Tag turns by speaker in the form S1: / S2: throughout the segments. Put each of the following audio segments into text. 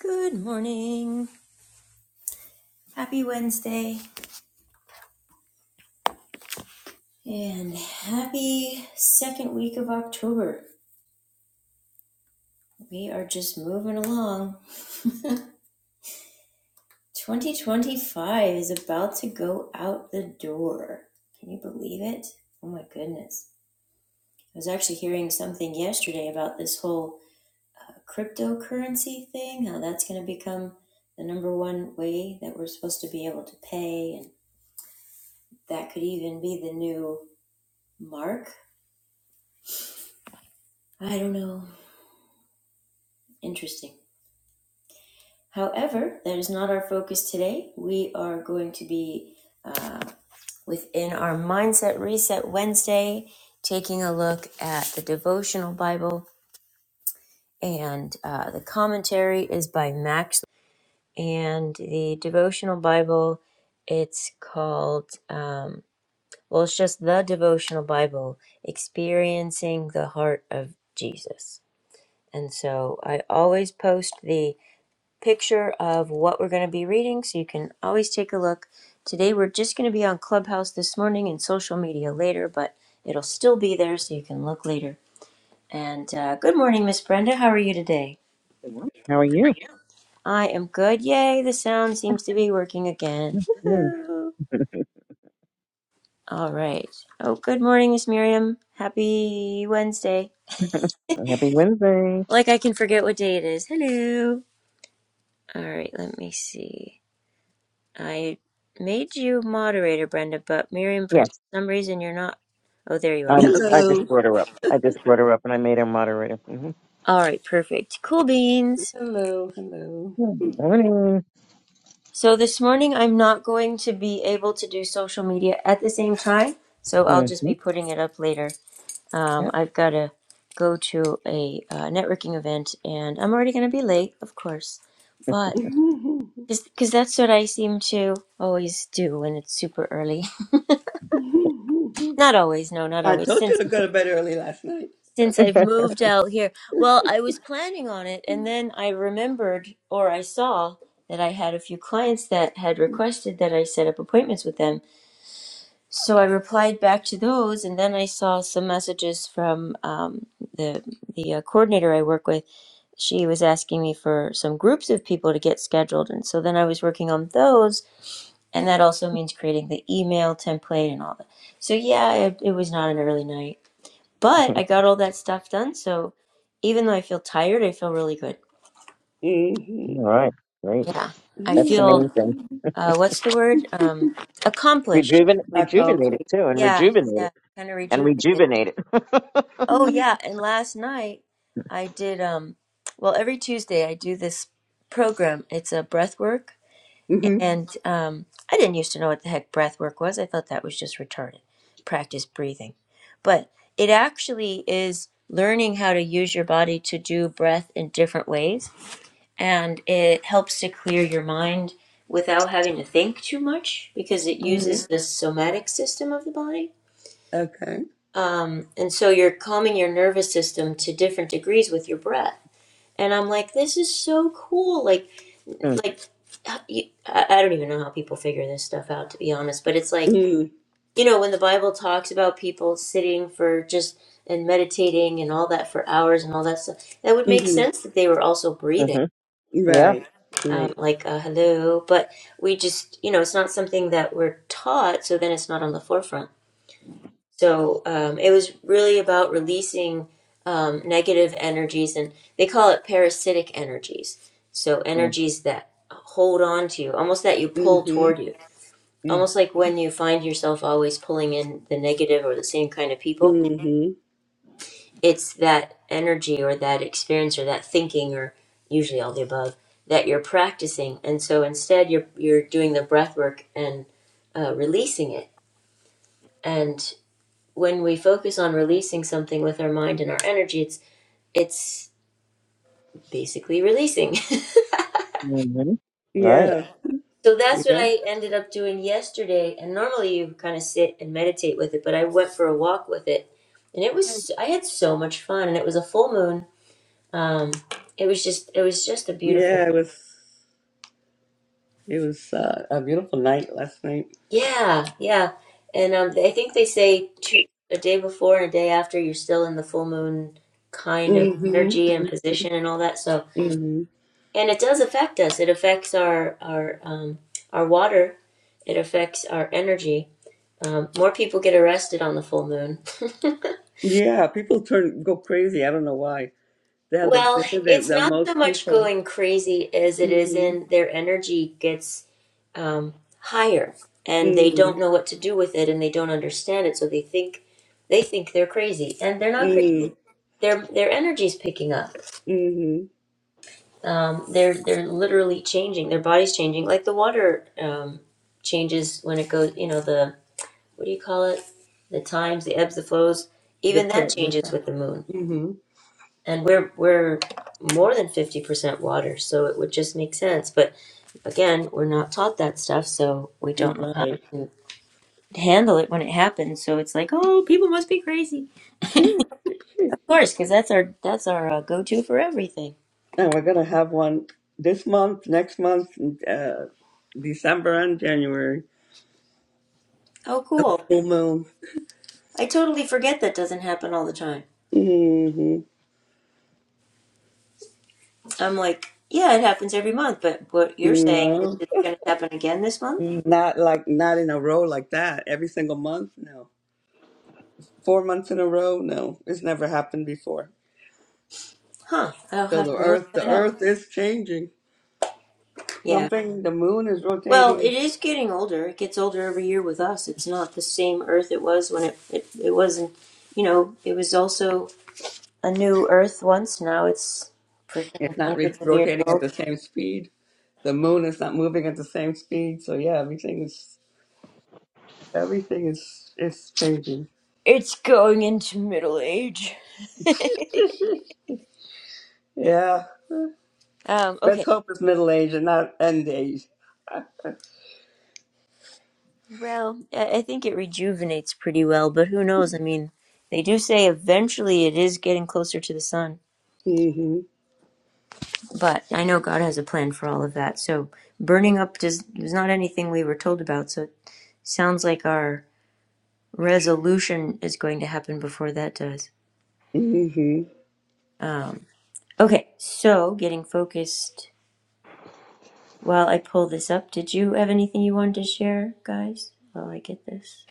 S1: Good morning. Happy Wednesday and happy second week of October. We are just moving along. 2025 is about to go out the door. Can you believe it? Oh my goodness. I was actually hearing something yesterday about this whole uh, cryptocurrency thing, how that's going to become the number one way that we're supposed to be able to pay, and that could even be the new mark. I don't know. Interesting. However, that is not our focus today. We are going to be uh, within our Mindset Reset Wednesday, taking a look at the devotional Bible, and uh, the commentary is by Max. And the devotional Bible, it's called, um, well, it's just the devotional Bible, Experiencing the Heart of Jesus. And so I always post the picture of what we're going to be reading so you can always take a look. Today we're just going to be on Clubhouse this morning and social media later, but it'll still be there so you can look later. And uh, good morning, Miss Brenda. How are you today?
S2: Good morning. How are you?
S1: I am good. Yay, the sound seems to be working again.
S2: Mm,
S1: Woohoo. All right. Oh, good morning, Miss Miriam. Happy Wednesday.
S2: happy Wednesday.
S1: Like I can forget what day it is. Hello. All right, let me see. I made you moderator, Brenda, but Miriam, for
S2: Yes.
S1: some reason, you're not. Oh, there you are.
S2: Um,
S1: Okay.
S2: I
S3: Hello,
S2: just brought her up. I just brought her up and I made her moderator. Mm-hmm.
S1: All right, perfect. Cool beans.
S3: hello, hello.
S2: Good Morning.
S1: So this morning, I'm not going to be able to do social media at the same time, so I'll just
S2: Mm-hmm.
S1: be putting it up later. Um,
S2: Yeah.
S1: I've got to go to a uh, networking event, and I'm already going to be late, of course, but because that's what I seem to always do when it's super early. not always, no, not
S3: I
S1: always.
S3: told you
S1: Since
S3: to go to bed early last night.
S1: since I've moved out here. Well, I was planning on it, and then I remembered or I saw that I had a few clients that had requested that I set up appointments with them. So I replied back to those, and then I saw some messages from um, the the uh, coordinator I work with. She was asking me for some groups of people to get scheduled, and so then I was working on those, and that also means creating the email template and all that. So yeah, it, it was not an early night. But
S2: All
S1: I got all that stuff done. So even though I feel tired, I feel really good.
S3: Mhm.
S2: right. Great.
S1: Yeah. I
S2: That's the
S1: feel,
S2: main thing.
S1: uh, what's the word? Um, accomplished.
S2: Rejuven-
S3: I calmed.
S2: rejuvenate it
S3: it.
S2: too and
S1: Yeah.
S2: rejuvenate
S1: Yeah.
S2: it
S1: Kind of
S2: and
S1: rejuvenated.
S2: rejuvenate it.
S1: Oh, yeah.
S3: Mm-hmm.
S1: And last night I did, um, well, every Tuesday I do this program. It's a breath work. And um, I didn't used to know what the heck breath work was. I thought that was just retarded. Practice breathing. But it actually is learning how to use your body to do breath in different ways and it helps to clear your mind without having to think too much because it
S3: hmm
S1: uses the somatic system of the body.
S3: Okay.
S1: Um, and so you're calming your nervous system to different degrees with your breath. And I'm like, this is so cool. Like, like I don't even know how people figure this stuff out, to be honest. But it's like,
S3: Mm-hmm.
S1: you know, when the Bible talks about people sitting for just and meditating and all that for hours and all that stuff, that would make sense that they were also breathing
S2: mm-hmm. Yeah.
S3: Right.
S1: um,
S3: Right.
S1: like a hello, but we just, you know, it's not something that we're taught, so then it's not on the forefront. So um, it was really about releasing um, negative energies, and they call it parasitic energies. So energies that hold on to you, almost that you
S3: hmm
S1: pull toward you, almost like when you find yourself always pulling in the negative or the same kind of people
S3: hmm
S1: it's that energy or that experience or that thinking or usually all the above that you're practicing and so instead you're you're doing the breath work and uh, releasing it and when we focus on releasing something with our mind and our energy it's it's basically releasing so,
S2: Mm-hmm. Right.
S3: Yeah.
S1: so that's what
S3: Yeah.
S1: i ended up doing yesterday and normally you kind of sit and meditate with it but i went for a walk with it and it was i had so much fun and it was a full moon um, it was just it was just a beautiful
S3: Yeah. It was. It was uh, a beautiful night last night.
S1: Yeah, yeah. And um, I think they say two, a day before and a day after, you're still in the full moon kind of
S3: hmm
S1: energy and position and all that. So,
S3: hmm
S1: and it does affect us. It affects our our um, our water. It affects our energy. Um, more people get arrested on the full moon.
S3: Yeah. People turn go crazy. I don't know why. They're the,
S1: Well,
S3: they said they're
S1: it's
S3: the
S1: not
S3: most
S1: so much
S3: people.
S1: going crazy as it is
S3: Mm-hmm.
S1: in their energy gets um, higher, and they
S3: Mm-hmm.
S1: don't know what to do with it, and they don't understand it, so they think they think they're crazy, and they're not crazy.
S3: Mm-hmm.
S1: Their their energy's picking up.
S3: Mm-hmm.
S1: Um, they're they're literally changing. Their body's changing, like the water um, changes when it goes. You know the what do you call it? The times, the ebbs, the flows.
S3: The,
S1: Even that
S3: pil- the
S1: changes with the moon
S3: mm-hmm.
S1: and we're we're more than 50% water so it would just make sense but again we're not taught that stuff so we don't know how
S3: Right.
S1: to handle it when it happens so it's like oh people must be crazy
S3: Phew.
S1: of course because that's our that's our uh, go-to for everything
S3: And we're gonna have one this month, next month, uh, December and January.
S1: oh
S3: A
S1: cool
S3: full moon.
S1: i totally forget that doesn't happen all the time
S3: Mm-hmm.
S1: i'm like yeah it happens every month but what
S3: You
S1: you're saying is
S3: know,
S1: it's going to happen again this month
S3: not like not in a row like that. Every single month, no. Four months in a row, no. It's never happened before.
S1: huh i'll
S3: So
S1: have
S3: the
S1: to look
S3: Earth, the
S1: that up
S3: Earth is changing.
S1: Yeah.
S3: Something. The Moon is
S1: Well,
S3: rotating.
S1: it is getting older. It gets older every year with us. It's not the same Earth it was when it it, it wasn't. You know, it was also a new Earth once. Now it's freaking
S3: It's not re-
S1: hundreds of years
S3: rotating at
S1: old.
S3: the same speed. The moon is not moving at the same speed. So yeah, everything is everything is is changing.
S1: It's going into middle age.
S3: yeah,
S1: um, okay.
S3: let's hope it's middle age and not end age.
S1: Well, I I think it rejuvenates pretty well, but who knows? I mean, they do say eventually it is getting closer to the sun.
S3: Mhm.
S1: But I know God has a plan for all of that. So burning up does is not anything we were told about. So it sounds like our resolution is going to happen before that does.
S3: Mhm.
S1: Um, okay, so getting focused. While I pull this up, did you have anything you wanted to share, guys? While I get this,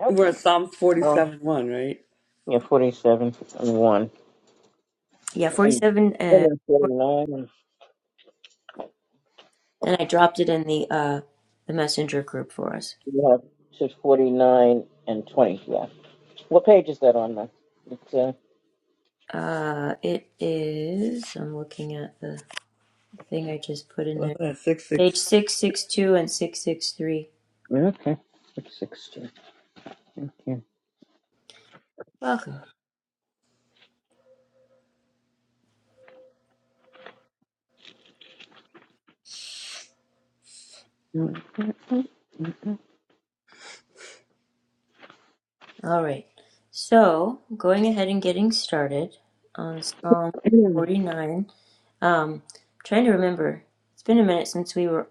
S2: Yep.
S3: We're at Psalm
S2: Well,
S3: forty-seven one, right?
S2: yeah, 47 and 1.
S1: yeah,
S2: And
S1: forty-seven, uh,
S2: then 49 and
S1: and I dropped it in the uh, the messenger group for us.
S2: you have to 49 and 20. Yeah. What page is that on, then? It's uh,
S1: Uh, it is. I'm looking at the thing I just put in there.
S3: What's that? Six
S1: Page
S3: six.
S1: 662 and 663.
S2: Okay. It's 16. Thank you.
S1: Welcome. All right. So, going ahead and getting started on Psalm 49. Um, trying to remember. It's been a minute since we were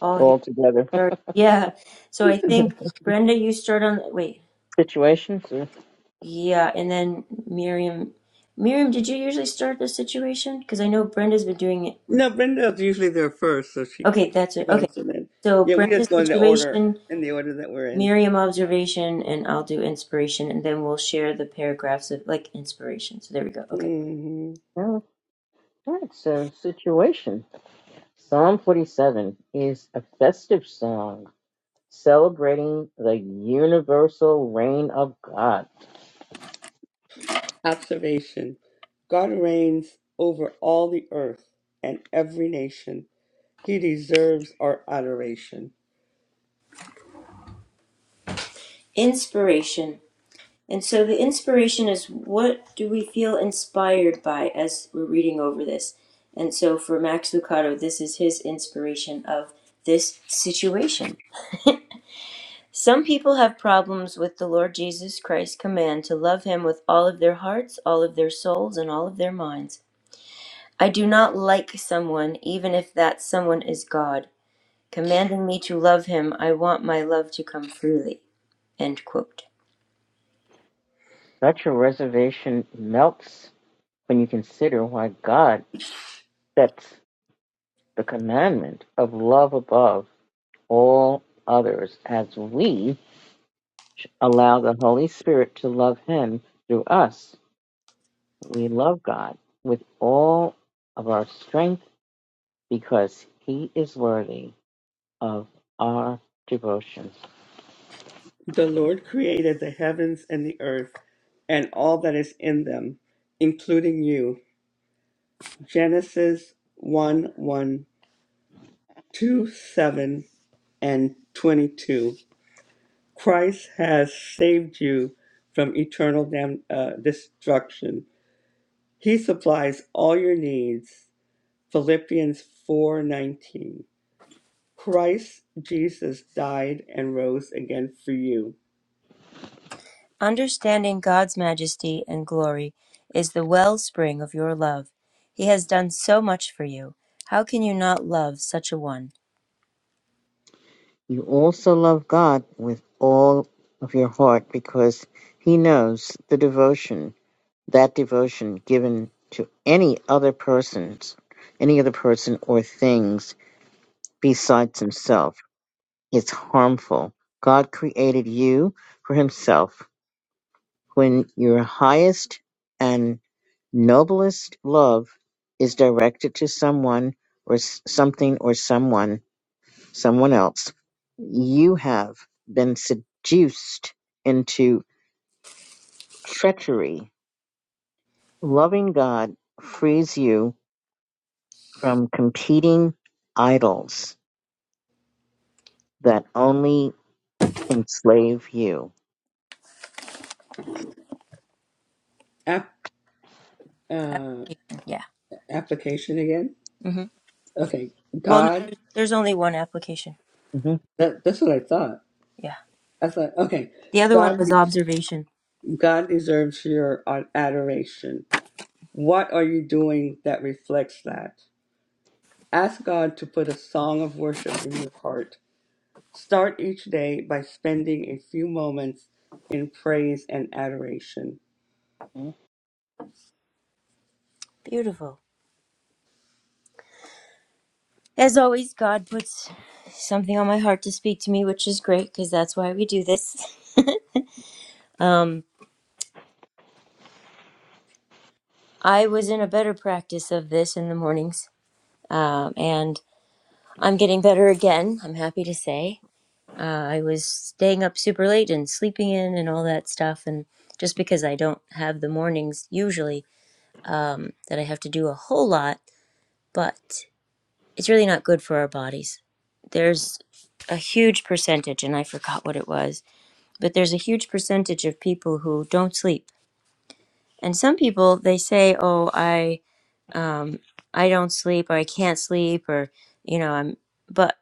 S1: all here.
S2: All together.
S1: Sorry. Yeah. So I think Brenda, you start on. Wait.
S2: situations.
S1: Yeah, and then Miriam. Miriam, did you usually start the situation? Because I know Brenda's been doing it.
S3: No, Brenda's usually there first, so she
S1: Okay, that's
S3: she
S1: it. Okay.
S3: goes and then
S1: So
S3: yeah, we just
S1: Brenda's
S3: go in the order
S1: situation.
S3: in the order that we're in.
S1: Miriam observation and I'll do inspiration and then we'll share the paragraphs of like inspiration. So there we go. Okay.
S3: Mm-hmm.
S2: Or... All right, so situation. Psalm 47 is a festive song celebrating the universal reign of God.
S3: Observation God reigns over all the earth and every nation. He deserves our adoration.
S1: Inspiration. And so the inspiration is what do we feel inspired by as we're reading over this? And so for Max Lucado, this is his inspiration of this situation. Some people have problems with the Lord Jesus Christ's command to love him with all of their hearts, all of their souls, and all of their minds. I do not like someone, even if that someone is God. commanding me to love him, I want my love to come freely. End quote.
S2: Such a reservation melts when you consider why God sets the commandment of love above all others as we allow the Holy Spirit to love Him through us. We love God with all of our strength because He is worthy of our devotion.
S3: The Lord created the heavens and the earth and all that is in them, including you. Genesis one one 2 7 and 22. Christ has saved you from eternal dam- uh, destruction. He supplies all your needs. Philippians 4:19. Christ Jesus died and rose again for you.
S1: Understanding God's majesty and glory is the wellspring of your love. He has done so much for you. How can you not love such a one?
S2: You also love God with all of your heart because He knows the devotion, that devotion given to any other persons, any other person or things besides Himself, is harmful. God created you for Himself when your highest and noblest love is directed to someone or s- something or someone, someone else, you have been seduced into treachery. Loving God frees you from competing idols that only enslave you.
S3: App, uh,
S1: Yeah.
S3: application again?
S1: hmm
S3: Okay,
S1: Well, no,
S3: God.
S1: there's only one application.
S2: Mhm.
S3: That, that's what I thought.
S1: Yeah.
S3: I thought, okay,
S1: The other one
S3: God,
S1: was observation.
S3: God deserves your adoration. What are you doing that reflects that? Ask God to put a song of worship in your heart. Start each day by spending a few moments in praise and adoration.
S1: Beautiful. As always, God puts something on my heart to speak to me, which is great because that's why we do this. um, I was in a better practice of this in the mornings um, and I'm getting better again. I'm happy to say. Uh, I was staying up super late and sleeping in and all that stuff, and just because I don't have the mornings usually um, that I have to do a whole lot, but it's really not good for our bodies. There's a huge percentage, and I forgot what it was, but there's a huge percentage of people who don't sleep, and some people they say, "Oh, I um, I don't sleep, or I can't sleep, or you know, I'm." but."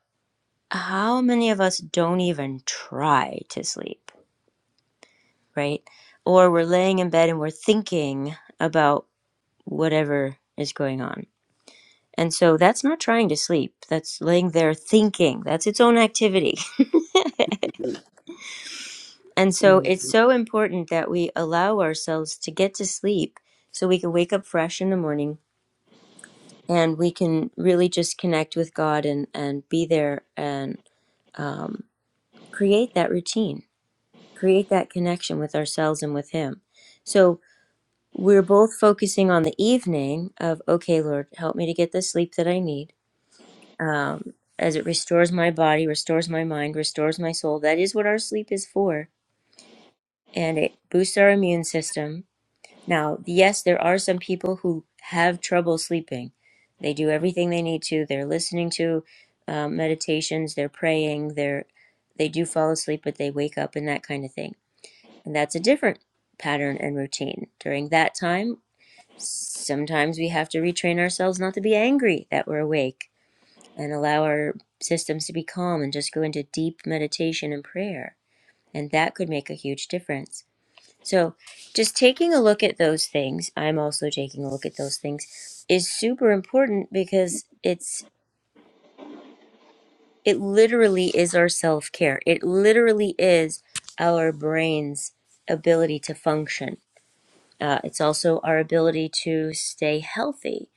S1: how many of us don't even try to sleep, right? Or we're laying in bed and we're thinking about whatever is going on. And so that's not trying to sleep. That's laying there thinking. That's its own activity.
S3: Mm-hmm.
S1: And so it's so important that we allow ourselves to get to sleep so we can wake up fresh in the morning and we can really just connect with God and, and be there and um, create that routine create that connection with ourselves and with Him. So we're both focusing on the evening of, okay, Lord, help me to get the sleep that I need. Um, as it restores my body, restores my mind, restores my soul. That is what our sleep is for. And it boosts our immune system. Now, yes, there are some people who have trouble sleeping. They do everything they need to. They're listening to um, meditations, they're praying, they're, they do fall asleep, but they wake up and that kind of thing and that's a different pattern and routine. During that time, sometimes we have to retrain ourselves not to be angry that we're awake and allow our systems to be calm and just go into deep meditation and prayer. And that could make a huge difference. So, just taking a look at those things, I'm also taking a look at those things, is super important because it's it literally is our self-care. It literally is our brain's ability to function Uh, it's also our ability to stay healthy.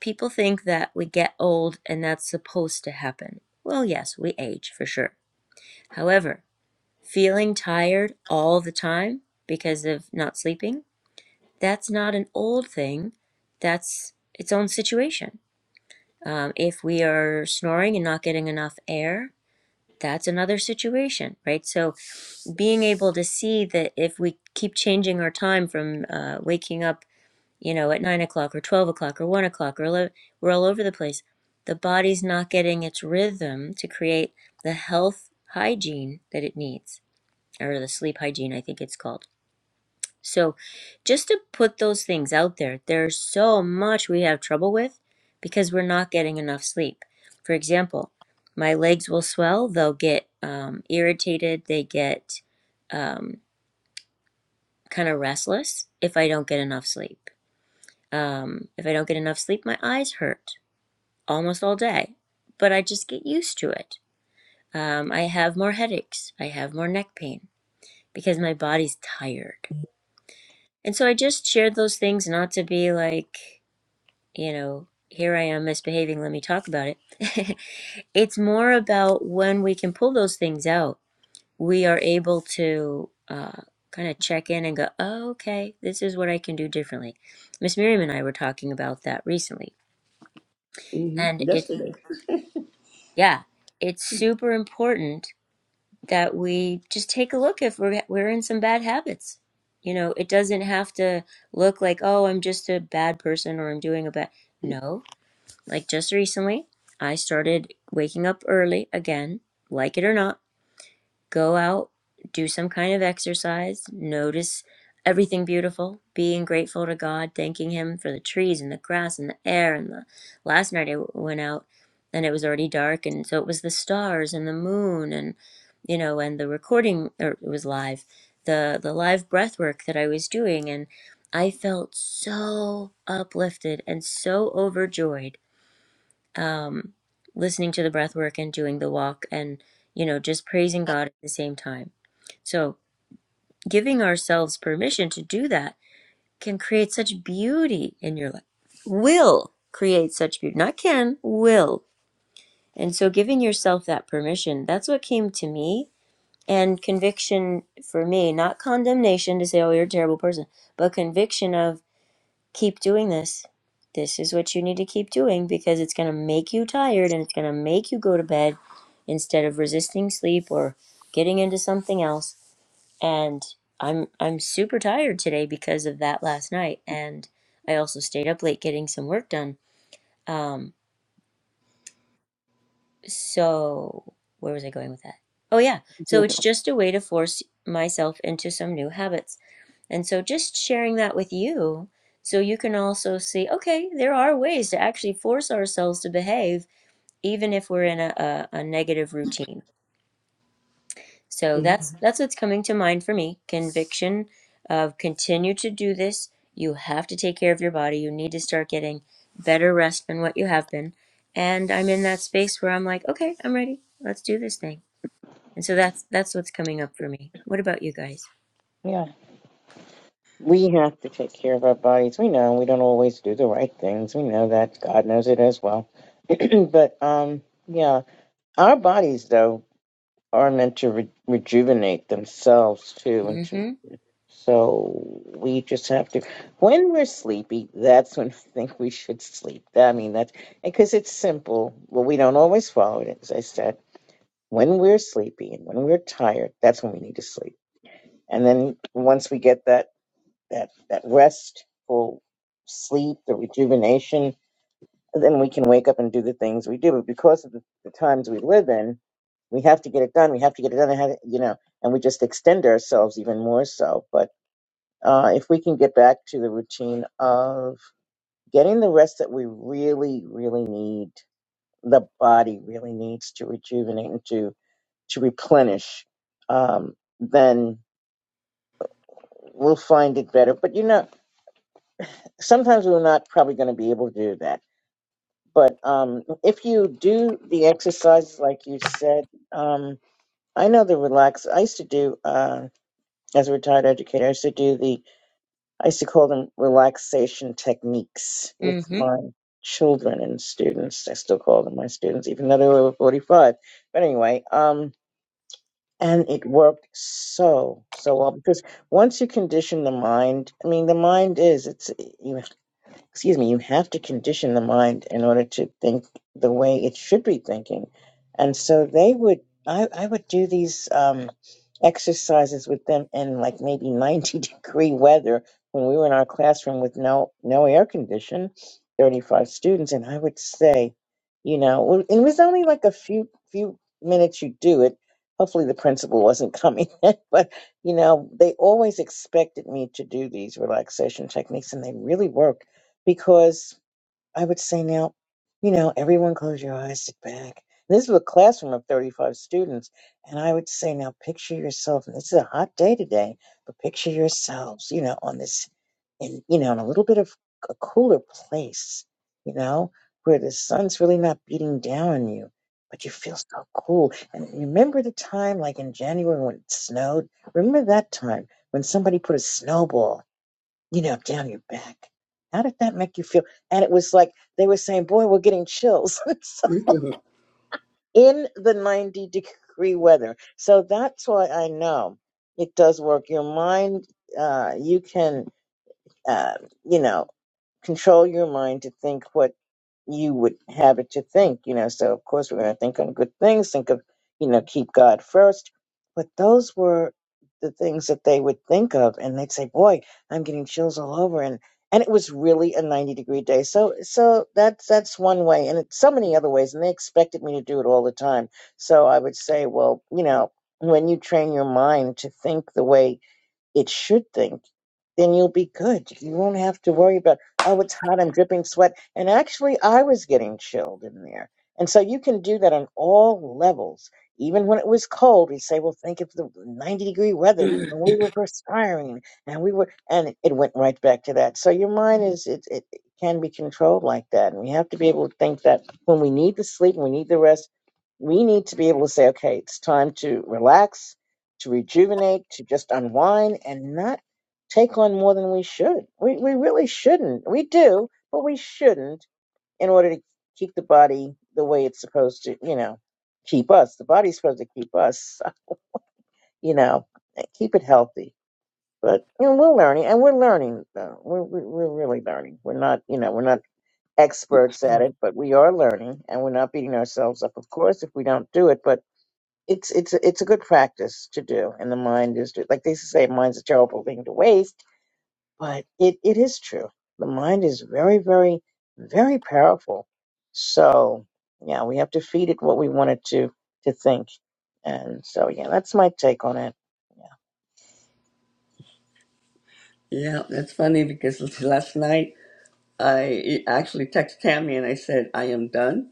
S1: People think that we get old and that's supposed to happen. Well, yes, we age for sure. However, feeling tired all the time because of not sleeping, that's not an old thing. That's its own situation. Um, if we are snoring and not getting enough air, that's another situation, right? So being able to see that if we keep changing our time from uh, waking up you know, at nine o'clock or 12 o'clock or one o'clock or 11, we're all over the place. The body's not getting its rhythm to create the health hygiene that it needs, or the sleep hygiene, I think it's called. So, just to put those things out there, there's so much we have trouble with because we're not getting enough sleep. For example, my legs will swell, they'll get um, irritated, they get um, kind of restless if I don't get enough sleep um, if I don't get enough sleep, my eyes hurt almost all day, but I just get used to it. Um, I have more headaches, I have more neck pain because my body's tired. And so I just shared those things not to be like, you know, here I am misbehaving, let me talk about it. it's more about when we can pull those things out, we are able to uh, kind of check in and go, oh, okay, this is what I can do differently. Miss Miriam and I were talking about that recently. And
S3: Mm-hmm.
S1: it's
S3: Yesterday.
S1: Yeah, it's super important that we just take a look if we're we're in some bad habits. You know, it doesn't have to look like, oh, I'm just a bad person or I'm doing a bad. No, like just recently, I started waking up early again, like it or not go out, do some kind of exercise, notice everything beautiful, being grateful to God, thanking Him for the trees and the grass and the air. And the last night I went out and it was already dark, and so it was the stars and the moon, and you know, and the recording or it was live, the the live breath work that I was doing, and I felt so uplifted and so overjoyed um, listening to the breath work and doing the walk and, you know, just praising God at the same time. So giving ourselves permission to do that can create such beauty in your life. Will create such beauty. Not can, will. And so giving yourself that permission, that's what came to me. And conviction for me, not condemnation to say, oh, you're a terrible person, but conviction of keep doing this. This is what you need to keep doing because it's going to make you tired and it's going to make you go to bed instead of resisting sleep or getting into something else. And I'm I'm super tired today because of that last night and I also stayed up late getting some work done. Um so where was I going with that? Oh yeah. So it's just a way to force myself into some new habits And so just sharing that with you so you can also see okay, there are ways to actually force ourselves to behave even if we're in a, a, a negative routine. So that's
S3: Mhm.
S1: that's what's coming to mind for me. Conviction of continue to do this. You have to take care of your body. You need to start getting better rest than what you have been. And I'm in that space where I'm like, okay, I'm ready. Let's do this thing. And so that's that's what's coming up for me. What about you guys?
S2: Yeah. We have to take care of our bodies. We know we don't always do the right things. We know that. God knows it as well. but um, yeah, our bodies though are meant to re- rejuvenate themselves too, and to,
S1: Mm-hmm.
S2: so we just have to. When we're sleepy, that's when I think we should sleep. I mean that's because it's simple. Well, we don't always follow it, as I said. When we're sleepy and when we're tired, that's when we need to sleep. And then once we get that that that restful sleep, the rejuvenation, and then we can wake up and do the things we do. But because of the, the times we live in, we have to get it done. We have to get it done. I have- You know, and we just extend ourselves even more so. But uh, if we can get back to the routine of getting the rest that we really, really need, the body really needs to rejuvenate and to to replenish, um, then we'll find it better. But you know, sometimes we're not probably going to be able to do that But um, if you do the exercises like you said, um, I know the relax. I used to do uh, as a retired educator. I used to do the. I used to call them relaxation techniques with
S1: Mm-hmm.
S2: my children and students. I still call them my students, even though they were over forty-five. But anyway, um, and it worked so so well because once you condition the mind, I mean, the mind is it's you excuse me, you have to condition the mind in order to think the way it should be thinking. And so they would, I, I would do these um, exercises with them in like maybe 90 degree weather when we were in our classroom with no, no air condition, 35 students. And I would say, you know, well, it was only like a few, few minutes you do it. Hopefully the principal wasn't coming, in, but you know, they always expected me to do these relaxation techniques and they really worked because I would say now, you know, everyone close your eyes, sit back. This is a classroom of 35 students. And I would say now picture yourself, and this is a hot day today, but picture yourselves, you know, on this, in, you know, in a little bit of a cooler place, you know, where the sun's really not beating down on you, but you feel so cool. And remember the time like in January when it snowed? Remember that time when somebody put a snowball you know, down your back. How did that make you feel? And it was like they were saying, boy, we're getting chills So, in the 90 degree weather. So that's why I know it does work. Your mind, uh, you can, uh, you know, control your mind to think what you would have it to think, you know. So of course we're going to think on good things, think of, you know, keep God first. But those were the things that they would think of, and they'd say, "Boy, I'm getting chills all over," and and it was really a 90 degree day. So so that's that's one way, and it's so many other ways. And they expected me to do it all the time. So I would say, well, you know, when you train your mind to think the way it should think then you'll be good. You won't have to worry about, oh, it's hot, I'm dripping sweat. And actually, I was getting chilled in there. And so you can do that on all levels. Even when it was cold, we say, well, think of the 90 degree weather when we were perspiring and we were, and it went right back to that. So your mind is, it, it can be controlled like that. And we have to be able to think that when we need the sleep and we need the rest, we need to be able to say, okay, it's time to relax, to rejuvenate, to just unwind and not take on more than we should. We we really shouldn't. We do, but we shouldn't in order to keep the body the way it's supposed to, you know, keep us. The body's supposed to keep us, you know, keep it healthy. But you know, we're learning, and we're learning. Though. We're we're we're really learning. We're not, you know, we're not experts at it, but we are learning, and we're not beating ourselves up, of course, if we don't do it. But it's it's a- it's a good practice to do, and the mind is like they used to say, mind's a terrible thing to waste but it, it is true. The mind is very, very, very powerful. So yeah, we have to feed it what we want it to to think. And so yeah, that's my take on it.
S3: Yeah, that's funny because last night I actually texted Tammy and I said, I am done.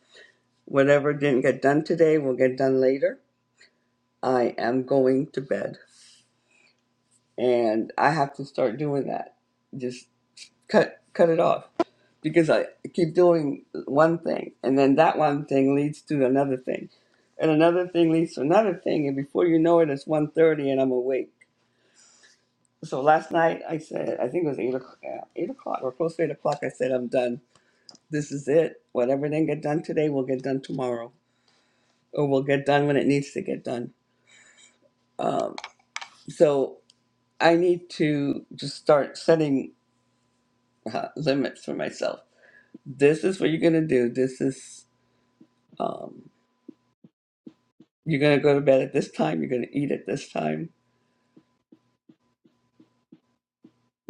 S3: Whatever didn't get done today will get done later. I am going to bed. And I have to start doing that. Just cut cut it off because I keep doing one thing and then that one thing leads to another thing. And another thing leads to another thing and before you know it it's one thirty, and I'm awake. So last night I said, I think it was 8 o'clock, 8 o'clock or close to 8 o'clock, I said I'm done This is it. Whatever didn't get done today will get done tomorrow, or will get done when it needs to get done. Um, so I need to just start setting uh, limits for myself. This is what you're going to do. This is, um, you're going to go to bed at this time. You're going to eat at this time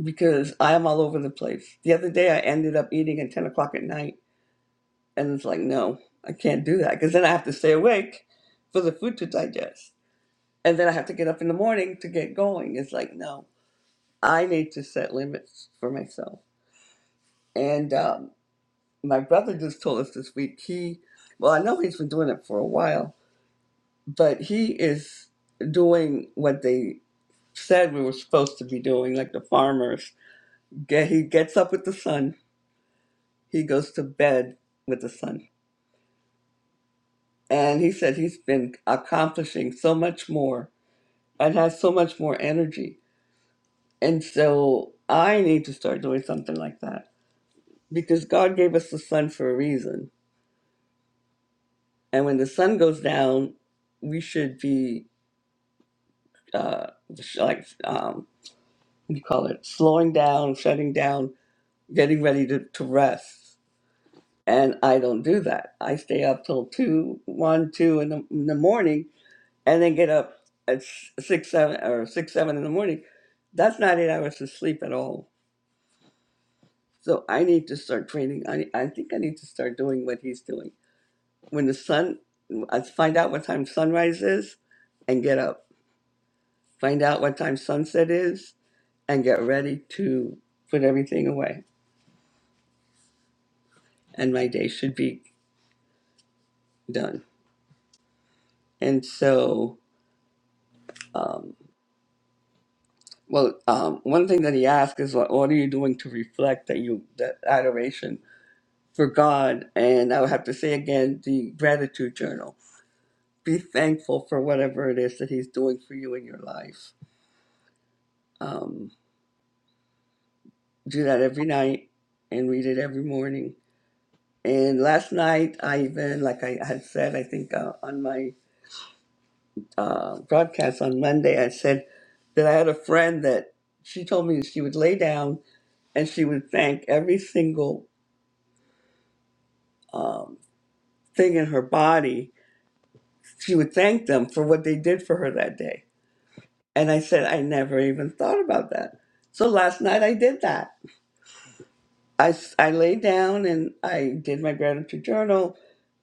S3: because I am all over the place. The other day I ended up eating at 10 o'clock at night, and it's like, no, I can't do that because then I have to stay awake for the food to digest. And then I have to get up in the morning to get going. It's like, no. I need to set limits for myself. And um, my brother just told us this week he, well, I know he's been doing it for a while, but he is doing what they said we were supposed to be doing, like the farmers. Get, he gets up with the sun, he goes to bed with the sun. And he said he's been accomplishing so much more and has so much more energy. And so I need to start doing something like that because God gave us the sun for a reason And when the sun goes down, we should be uh, sh- like, um, what do you call it, slowing down, shutting down, getting ready to, to rest. And I don't do that. I stay up till two, one, two in the, in the morning, and then get up at s- six, seven, or six, seven in the morning. That's not eight hours of sleep at all. So I need to start training. I, I think I need to start doing what he's doing. When the sun, I find out what time sunrise is, and get up find out what time sunset is, and get ready to put everything away. And my day should be done. And so, um, well, um, one thing that he asked is, what, what are you doing to reflect that you that adoration for God? And I would have to say again, the gratitude journal. Be thankful for whatever it is that He's doing for you in your life. Um, do that every night and read it every morning. And last night, I even, like I had said, I think uh, on my uh, broadcast on Monday, I said that I had a friend that she told me she would lay down and she would thank every single um, thing in her body. She would thank them for what they did for her that day. And I said, I never even thought about that. So last night I did that. I, s- I laid down and I did my gratitude journal.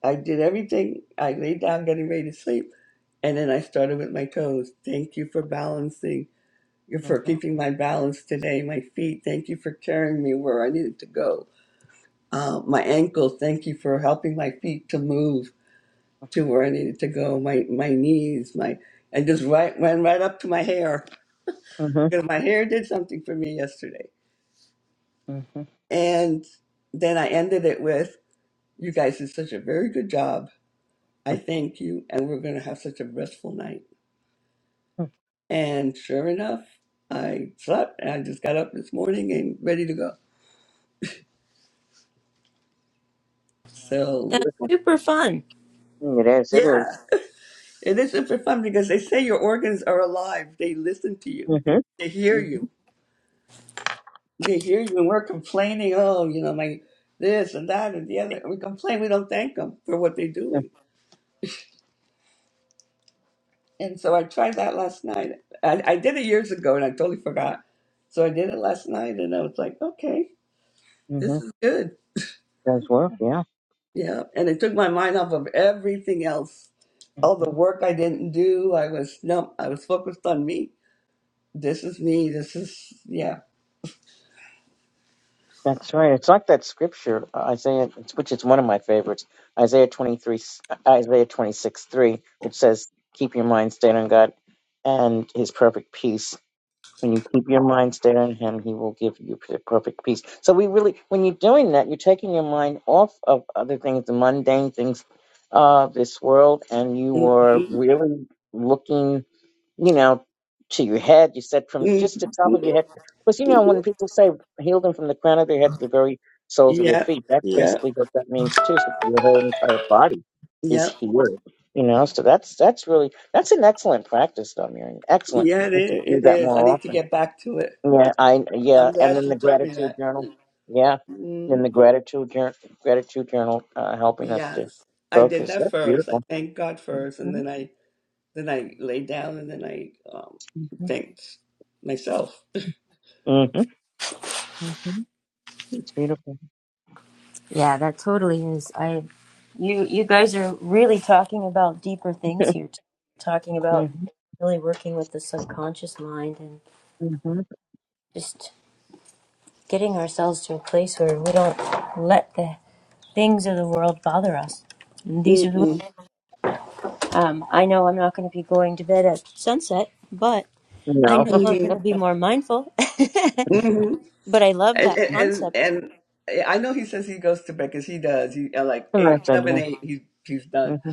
S3: I did everything. I laid down getting ready to sleep. And then I started with my toes. Thank you for balancing you
S2: Yeah.
S3: for keeping my balance today. My feet, thank you for carrying me where I needed to go. Uh, my ankles, thank you for helping my feet to move to where I needed to go. My my knees, my and just right went right up to my hair.
S2: Mm-hmm.
S3: You
S2: Mm-hmm.
S3: know, my hair did something for me yesterday.
S2: Mm-hmm.
S3: And then I ended it with, "You guys did such a very good job. I thank you, and we're gonna have such a restful night." And sure enough, I slept, and I just got up this morning and ready to go.
S2: Wow.
S3: So
S1: That's
S2: Beautiful.
S1: super fun.
S2: Mm, It is. It
S3: yeah,
S2: is.
S3: It is super fun because they say your organs are alive. They listen to you.
S2: Mm-hmm.
S3: They hear you.
S2: Mm-hmm.
S3: They hear you, and we're complaining. Oh, you know, my this and that and the other. We complain. We don't thank them for what they're doing. And so I tried that last night. I, I did it years ago, and I totally forgot. So I did it last night, and I was like, okay,
S2: Mm-hmm.
S3: this is good.
S2: Does work. Yeah.
S3: Yeah, and it took my mind off of everything else. All the work I didn't do. I was no. I was focused on me. This is me. This is yeah.
S2: That's right. It's like that scripture, Isaiah, which is one of my favorites, Isaiah 23, Isaiah 26, 3, which says, Keep your mind stayed on God and his perfect peace. When you keep your mind stayed on him, he will give you per- perfect peace. So we really, when you're doing that, you're taking your mind off of other things, the mundane things of this world, and you are
S3: Mhm.
S2: really looking you know, to your head. You said from just the top of
S3: Mhm.
S2: your head. Because, you know, when people say heal them from the crown of their head to the very soles of their
S3: Yep,
S2: feet, that's
S3: yep,
S2: basically what that means too. So your whole entire body is
S3: yep.
S2: healed. You know, so that's that's really that's an excellent practice though, Miriam. Excellent.
S3: Yeah, it
S2: We should
S3: is.
S2: do
S3: It
S2: that
S3: is. I
S2: more
S3: need to
S2: often.
S3: get back to it.
S2: Yeah, I
S3: I'm
S2: yeah, and
S3: glad
S2: then
S3: she
S2: the
S3: told me
S2: gratitude
S3: that.
S2: journal. Yeah.
S3: Mm,
S2: Then the gratitude journal, gratitude journal uh, helping us to
S3: yes, I did
S2: focus.
S3: that
S2: That's
S3: first. I
S2: beautiful.
S3: thanked God first, and
S2: Mhm,
S3: then I then I lay down, and then I um,
S2: mhm,
S3: thanked myself.
S2: Mm-hmm. mhm. It's beautiful.
S1: Yeah, that totally is. I you you guys are really talking about deeper things here. t- Talking about really working with the subconscious mind and
S2: hmm
S1: just getting ourselves to a place where we don't let the things of the world bother us. And these are the
S3: Mm-mm.
S1: um I know I'm not going to be going to bed at sunset, but I
S2: No.
S1: know I'm going
S3: Mm-hmm.
S1: to be more mindful.
S3: Mm-hmm.
S1: but I love
S3: And,
S1: that
S3: and and
S1: concept.
S3: and I know he says he goes to bed because he does. He at like eight,
S2: That's a
S3: seven,
S2: idea.
S3: eight. He's he's done.
S2: Mm-hmm.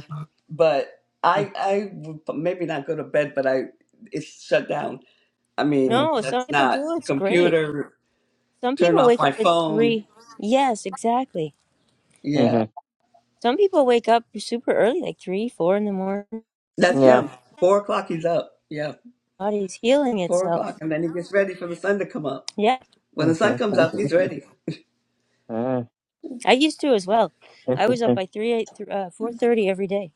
S3: But I I would maybe not go to bed, but I it's shut down. I
S2: Mm-hmm.
S3: mean,
S1: No, some
S3: that's
S1: people
S3: not
S1: do. It's great.
S3: computer.
S1: Some
S3: Turn
S1: people
S3: off
S1: wake
S3: my
S1: up at
S3: phone.
S1: 3. Yes, exactly
S3: Yeah,
S2: Mm-hmm.
S1: Some people wake up super early, like three, four in the morning.
S2: Mm-hmm.
S3: that's
S2: Yeah.
S3: him. Four o'clock, he's up. Yeah,
S1: Body's healing
S3: four o'clock,
S1: itself.
S3: and then he gets ready for the sun to come up.
S1: Yeah,
S3: When the
S2: Mm-hmm.
S3: sun comes up, he's ready.
S2: mm
S1: I used to as well. I was up
S2: Interesting.
S1: by three, eight, th- uh, four thirty every day.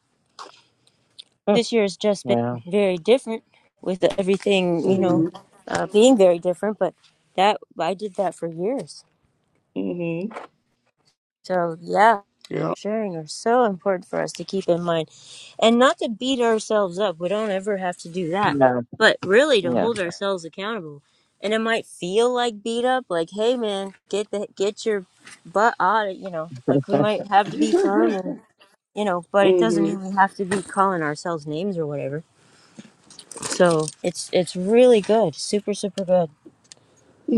S2: Hmm.
S1: This year has just been
S2: Wow.
S1: very different with everything, you
S2: Mm-hmm.
S1: know,
S3: Mhm.
S1: uh, being very different. But that I did that for years.
S3: Mhm.
S1: So, yeah,
S3: Yeah.
S1: sharing are so important for us to keep in mind and not to beat ourselves up. We don't ever have to do that,
S2: Yeah.
S1: but really to
S2: Yeah.
S1: hold ourselves accountable. And it might feel like beat up, like, hey, man, get the, get your butt out of, you know, like we might have to be firm and, you know, but it doesn't
S3: Mhm.
S1: mean we have to be calling ourselves names or whatever. So it's, it's really good. Super, super good.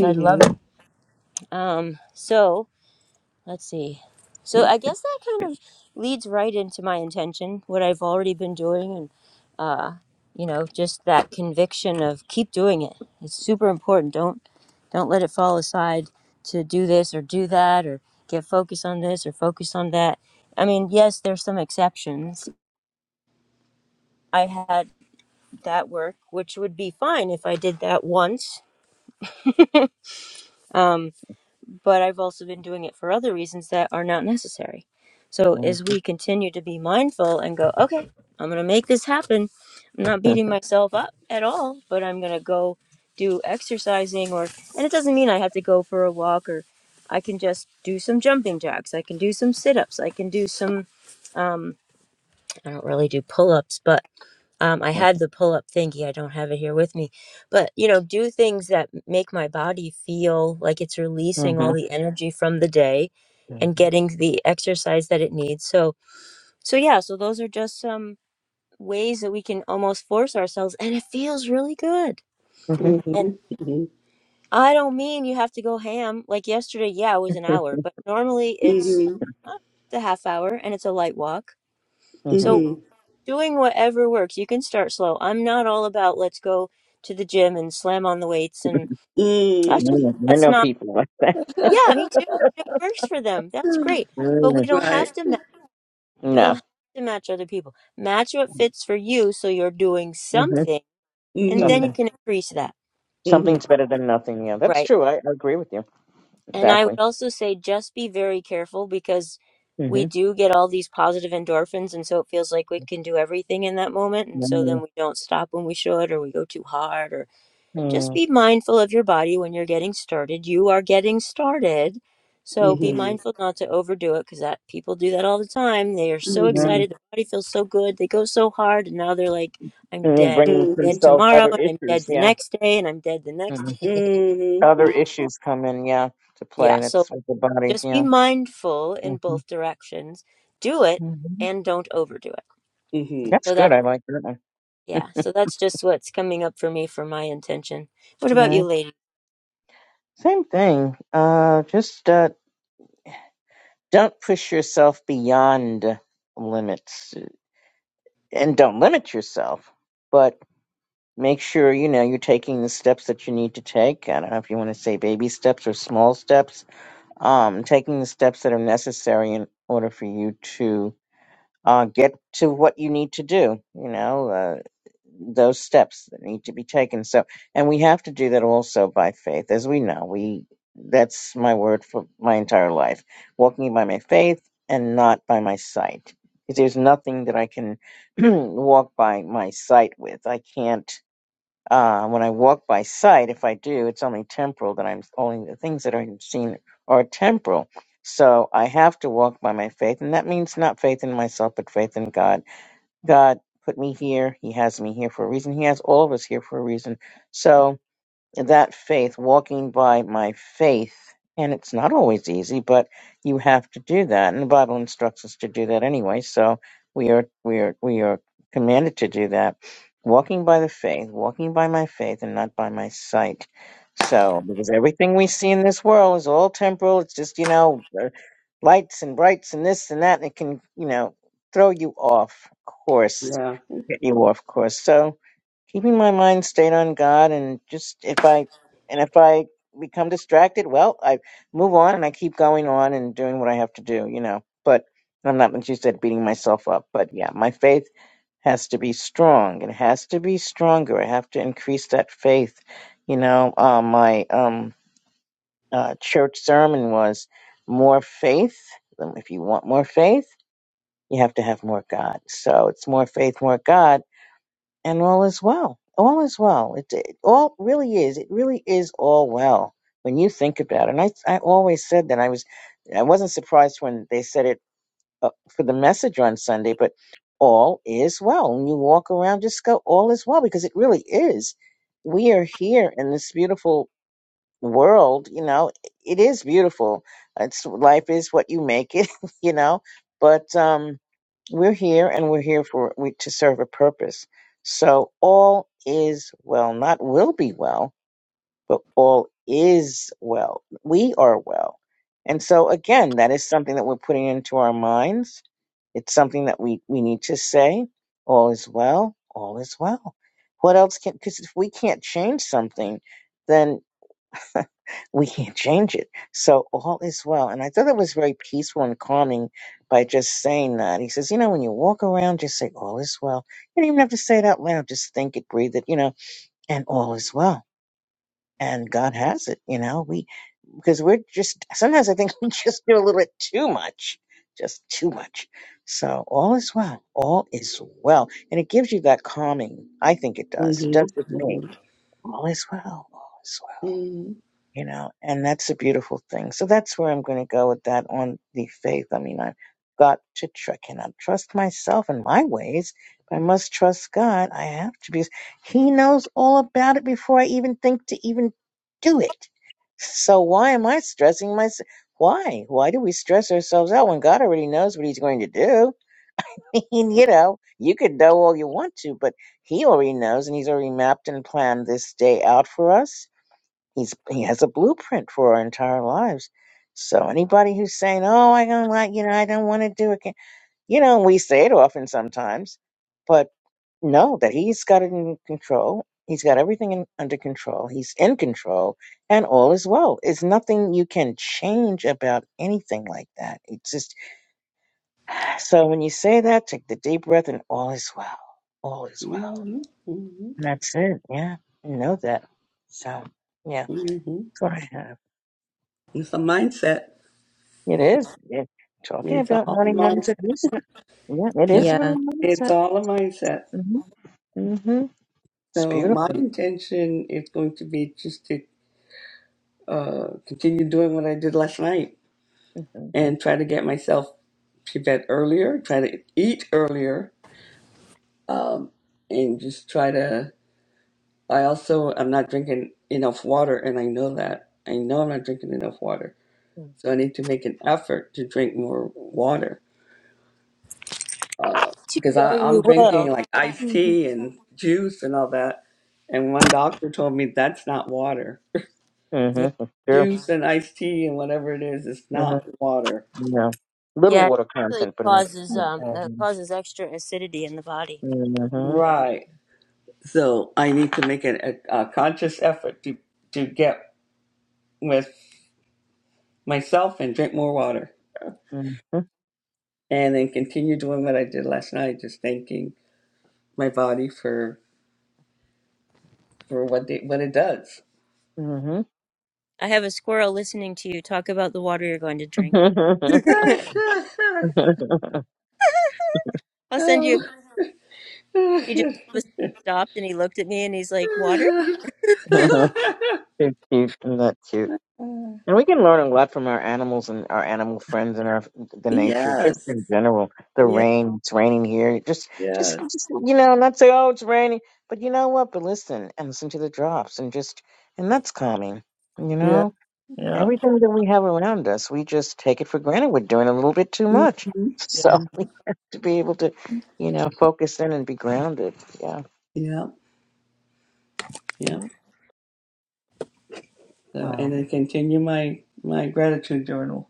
S1: I love it. Um, so Let's see. So I guess that kind of leads right into my intention, what I've already been doing, and uh, you know, just that conviction of keep doing it. It's super important. Don't don't let it fall aside to do this or do that or get focused on this or focus on that. I mean, yes, there's some exceptions. I had that work, which would be fine if I did that once. Um, but I've also been doing it for other reasons that are not necessary. So as
S2: Mm-hmm.
S1: we continue to be mindful and go, okay, I'm going to make this happen. I'm not beating myself up at all, but I'm going to go do exercising or and it doesn't mean I have to go for a walk or I can just do some jumping jacks. I can do some sit-ups. I can do some um I don't really do pull-ups, but um, I had the pull up thingy. I don't have it here with me, but you know, do things that m- make my body feel like it's releasing all
S2: Mm-hmm.
S1: the energy from the day and getting the exercise that it needs. So, so yeah, so those are just some ways that we can almost force ourselves, and it feels really good.
S2: Mm-hmm.
S1: And
S3: Mhm.
S1: I don't mean you have to go ham. Like yesterday, yeah, it was an hour, but normally
S3: Mhm.
S1: it's
S3: Mhm.
S1: uh, the half hour and it's a light walk.
S2: Mm-hmm.
S1: So
S3: Mhm.
S1: doing whatever works. You can start slow. I'm not all about let's go to the gym and slam on the weights and that's
S3: Mhm.
S1: just
S2: Mm, I
S1: that's
S2: know
S1: not
S2: people like that.
S1: yeah, me too. It works for them. That's great. But we
S2: Mm.
S1: don't have
S3: Right.
S1: to match we don't
S2: No.
S1: have to match other people. Match what fits for you so you're doing
S2: Mm-hmm.
S1: something and then
S3: Mhm.
S1: you
S2: Something.
S1: can increase that.
S3: Mhm.
S2: Something's better than nothing. Yeah, that's
S1: Right.
S2: true. I, I agree with you.
S1: And I would
S2: Exactly.
S1: also say just be very careful because we
S2: Mm-hmm.
S1: do get all these positive endorphins and so it feels like we can do everything in that moment and so
S2: Mm-hmm.
S1: then we don't stop when we should or we go too hard or just
S2: Mm-hmm.
S1: be mindful of your body when you're getting started. You are getting started. So
S2: Mm-hmm.
S1: be
S3: Mhm.
S1: mindful not to overdo it because that people do that all the time. They are so
S3: Mhm.
S2: Mm-hmm.
S1: excited, their body feels so good, they go so hard, and now they're like, I'm
S2: And then
S1: dead.
S2: bringing
S1: Dead
S3: Mhm.
S2: themselves
S1: tomorrow,
S2: other
S1: and I'm
S2: issues.
S1: dead the
S2: Yeah.
S1: next day, and I'm dead the
S2: Mm-hmm.
S1: next day.
S3: Mhm.
S2: Other issues come in, yeah, to
S1: yeah,
S2: play.
S1: so
S2: That's with the body,
S1: just be
S2: yeah.
S1: mindful
S2: hmm
S1: in both directions. Do it
S2: hmm
S1: and don't overdo it.
S3: Mhm.
S2: That's
S1: So
S2: good.
S1: that
S2: I like that one.
S1: yeah, so that's just what's coming up for me for my intention. What about
S2: Yeah.
S1: you, lady?
S2: Same thing. Uh, just uh, don't push yourself beyond limits, and don't limit yourself, but make sure you know you're taking the steps that you need to take. I don't know if you want to say baby steps or small steps. Um, taking the steps that are necessary in order for you to uh, get to what you need to do. You know, uh, those steps that need to be taken. So, and we have to do that also by faith, as we know. We that's my word for my entire life: walking by my faith and not by my sight. Because there's nothing that I can walk by my sight with. I can't. Uh, when I walk by sight, if I do, it's only temporal that I'm only the things that I'm seeing are temporal. So I have to walk by my faith, and that means not faith in myself, but faith in God. God put me here. He has me here for a reason. He has all of us here for a reason. So that faith, walking by my faith. And it's not always easy, but you have to do that. And the Bible instructs us to do that anyway. So we are we are we are commanded to do that. Walking by the faith, walking by my faith and not by my sight. So because everything we see in this world is all temporal, it's just, you know, uh, lights and brights and this and that, and it can, you know, throw you off course
S3: Yeah.
S2: you off course. So keeping my mind stayed on God and just if I and if I become distracted, well, I move on and I keep going on and doing what I have to do, you know. But I'm not like you said beating myself up. But yeah, my faith has to be strong. It has to be stronger. I have to increase that faith. You know, uh, my um uh, church sermon was more faith. If you want more faith, you have to have more God. So it's more faith, more God and all is well. All is well. It, it all really is. It really is all well when you think about it. And I, I always said that I was, I wasn't surprised when they said it uh, for the message on Sunday, but all is well. When you walk around, just go, all is well, because it really is. We are here in this beautiful world, you know, it is beautiful. It's life is what you make it, you know. But um, we're here, and we're here for we to serve a purpose. So all is well, not will be well, but all is well. We are well, and so again, that is something that we're putting into our minds. It's something that we we need to say. All is well. All is well. What else can? Because if we can't change something, we can't change it. So all is well. And I thought it was very peaceful and calming by just saying that. He says, you know, when you walk around, just say all is well. You don't even have to say it out loud. Just think it, breathe it, you know, and all is well. And God has it, you know, we, because we're just, sometimes I think we just do a little bit too much, just too much. So all is well. All is well. And it gives you that calming. I think it does. It does
S3: Mhm.
S2: with me.
S3: Mhm.
S2: All is well. All is well
S3: Mhm.
S2: you know, and that's a beautiful thing. So that's where I'm going to go with that on the faith. I mean, I've got to, tr- I cannot trust myself and my ways. If I must trust God. I have to because He knows all about it before I even think to even do it. So why am I stressing myself? Why? Why do we stress ourselves out when God already knows what He's going to do? And, you know, you could know all you want to, but He already knows and He's already mapped and planned this day out for us he's he has a blueprint for our entire lives. So anybody who's saying, "Oh, I don't like," you know, I don't want to do it, you know, we say it often sometimes, but know that he's got it in control. He's got everything in, under control. He's in control, and all is well. It's nothing you can change about anything like that. It's just so when you say that, take the deep breath, and all is well. All is well.
S3: Mhm. Mhm.
S2: And that's it. Yeah, you know that. So yeah,
S3: hmm
S2: that's what I have.
S3: It's a mindset.
S2: It is. Yeah. Talking
S3: It's
S2: about
S3: all a
S2: money
S3: mindset.
S2: mindset is that. Yeah, it
S3: Yeah,
S2: is
S1: Yeah.
S2: really
S3: It's
S2: mindset.
S3: all a mindset.
S2: Mm-hmm. Mm-hmm. It's
S3: So my
S2: beautiful.
S3: intention is going to be just to uh, continue doing what I did last night
S2: Mm-hmm.
S3: and try to get myself to bed earlier, try to eat earlier, um, and just try to. I also I'm not drinking enough water, and I know that. I know I'm not drinking enough water, so I need to make an effort to drink more water
S1: too,
S3: because I
S1: or you
S3: I'm
S1: will.
S3: drinking like iced
S1: Mhm.
S3: tea and juice and all that. And one doctor told me that's not water.
S1: Yeah,
S2: Mm-hmm. Sure.
S3: Juice and iced tea and whatever it is, it's
S2: Mm-hmm.
S3: not water.
S2: Yeah. Little
S1: yeah, it
S2: water
S1: actually
S2: content, but not.
S1: causes um uh, causes extra acidity in the body.
S2: Mm-hmm.
S3: Right. So I need to make an, a, a conscious effort to, to get with myself and drink more water.
S2: Mm-hmm.
S3: And then continue doing what I did last night, just thanking my body for, for what, they, what it does.
S1: I have a squirrel listening to you talk about the water you're going to drink.
S2: Mm-hmm.
S1: I'll send you a
S3: oh.
S1: picture. He just all of a sudden stopped and he looked at me and he's like, "Water?"
S2: It's cute. Isn't that cute?
S3: Uh,
S2: And we can learn a lot from our animals and our animal friends and our the nature, just
S3: yes.
S2: in general. The
S3: Yeah.
S2: rain, it's raining here. Just, just,
S3: Yes.
S2: just you know, not say, oh, it's raining, but you know what? But listen and listen to the drops, and just, and that's calming. You
S3: Yeah.
S2: know,
S3: Yeah.
S2: everything that we have around us, we just take it for granted. We're doing a little bit too much,
S3: hmm
S1: Yeah.
S2: so we have to be able to, you know, focus in and be grounded. Yeah.
S3: Yeah. Yeah.
S2: Mhm.
S3: So, and
S2: Wow.
S3: then continue my my gratitude journal.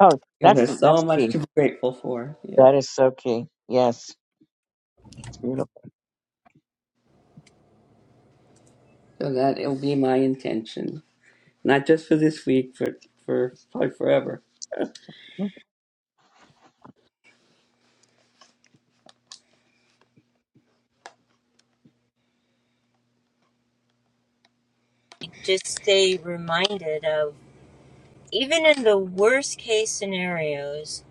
S2: Oh,
S3: 'Cause
S2: that's
S3: There's so
S2: that's
S3: much
S2: key.
S3: to be grateful for. Yeah.
S2: That is so key. Yes. It's beautiful.
S3: So that will be my intention, not just for this week, but for probably forever.
S1: Just stay reminded of even in the worst case scenarios,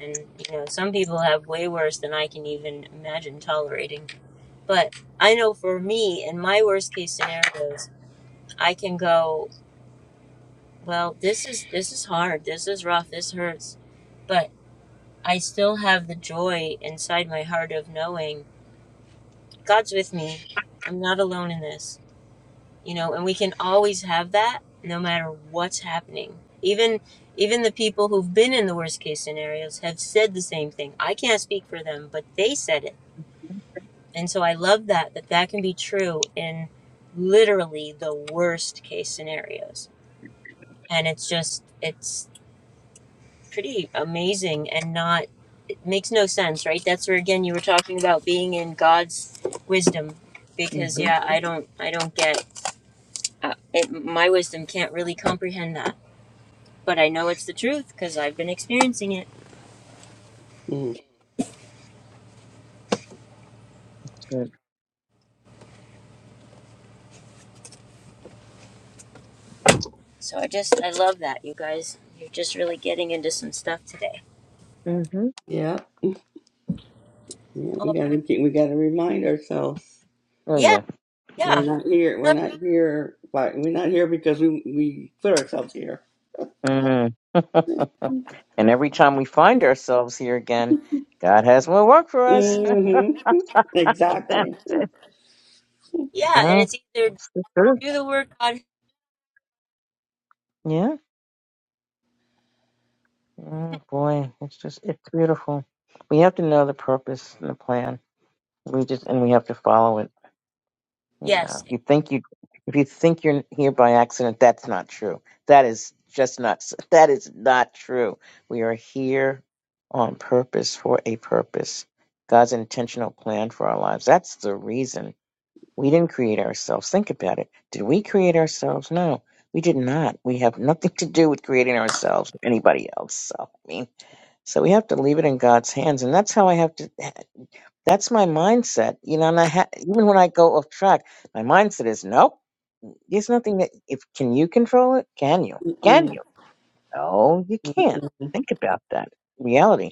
S1: and you know some people have way worse than I can even imagine tolerating. But I know for me, in my worst case scenarios, I can go. Well, this is this is hard. This is rough. This hurts. But I still have the joy inside my heart of knowing God's with me. I'm not alone in this. You know, and we can always have that no matter what's happening. Even even the people who've been in the worst case scenarios have said the same thing. I can't speak for them, but they said it. And so I love that that that can be true in literally the worst case scenarios. And it's just it's pretty amazing and not makes no sense, right? That's where again you were talking about being in God's wisdom, because
S2: Mm-hmm.
S1: yeah, I don't, I don't get uh, it. My wisdom can't really comprehend that, but I know it's the truth because I've been experiencing it.
S3: Mm.
S2: That's good.
S1: So I just, I love that you guys. You're just really getting into some stuff today.
S2: Mm-hmm.
S3: Yeah. Yeah. We
S1: Oh,
S3: gotta keep, we gotta remind ourselves
S2: Oh
S1: yeah,
S2: yeah.
S3: we're
S1: yeah,
S3: not here. We're not here. But we're not here because we we put ourselves here.
S2: Mm. and every time we find ourselves here again, God has more work for us.
S3: hmm
S2: That's
S3: Exactly.
S2: it.
S1: yeah. And
S2: yeah.
S1: it's either
S2: That's the truth.
S1: do the work, God.
S2: Yeah. Oh boy, it's just it's beautiful. We have to know the purpose and the plan. We just and we have to follow it. Yeah. If
S1: Yes,
S2: you think you if you think you're here by accident, that's not true. That is just not s- that is not true. We are here on purpose for a purpose. God's intentional plan for our lives. That's the reason we didn't create ourselves. Think about it. Did we create ourselves? No, we did not. We have nothing to do with creating ourselves or anybody else. So I mean, so we have to leave it in God's hands, and that's how I have to. That's my mindset, you know, and I ha- even when I go off track, my mindset is nope. There's nothing that if can you control it? Can you? Can
S3: Mm-mm.
S2: you? No, you can't. Think about that reality.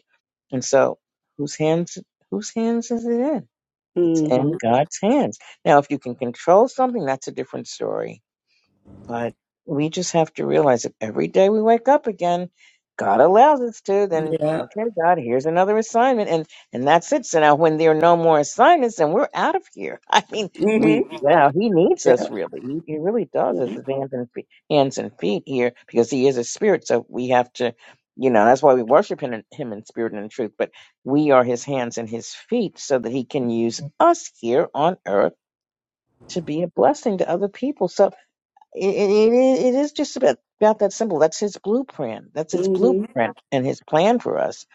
S2: And so, whose hands? Whose hands is it in? It's
S3: Mm-hmm.
S2: in God's hands. Now, if you can control something, that's a different story but we just have to realize that every day we wake up again, God allows us to, then
S3: Yeah.
S2: okay, God, here's another assignment and and that's it. So now when there are no more assignments, then we're out of here. I mean, we
S3: Mm-hmm.
S2: wow, he needs
S3: Yeah.
S2: us really. He, he really does us
S3: Yeah.
S2: his hands and feet hands and feet here because he is a spirit. So we have to you know, that's why we worship him in, him in spirit and in truth, but we are his hands and his feet so that he can use us here on earth to be a blessing to other people. So it, it, it is just about, about that simple. That's his blueprint. That's his
S3: Mm-hmm.
S2: blueprint and his plan for us.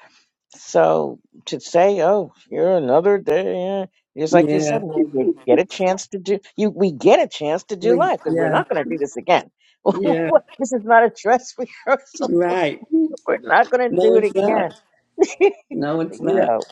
S2: So to say, oh, you're another day, eh, just like you said,
S3: Yeah.
S2: man, we get a chance to do, you, we get a chance to do
S3: We.
S2: life because we're
S3: Yeah.
S2: not going to do this again.
S3: Yeah.
S2: this is not a dress rehearsal.
S3: Right.
S2: We're not going to
S3: No,
S2: do it
S3: it's
S2: again.
S3: not.
S2: you
S3: No, it's not.
S2: know.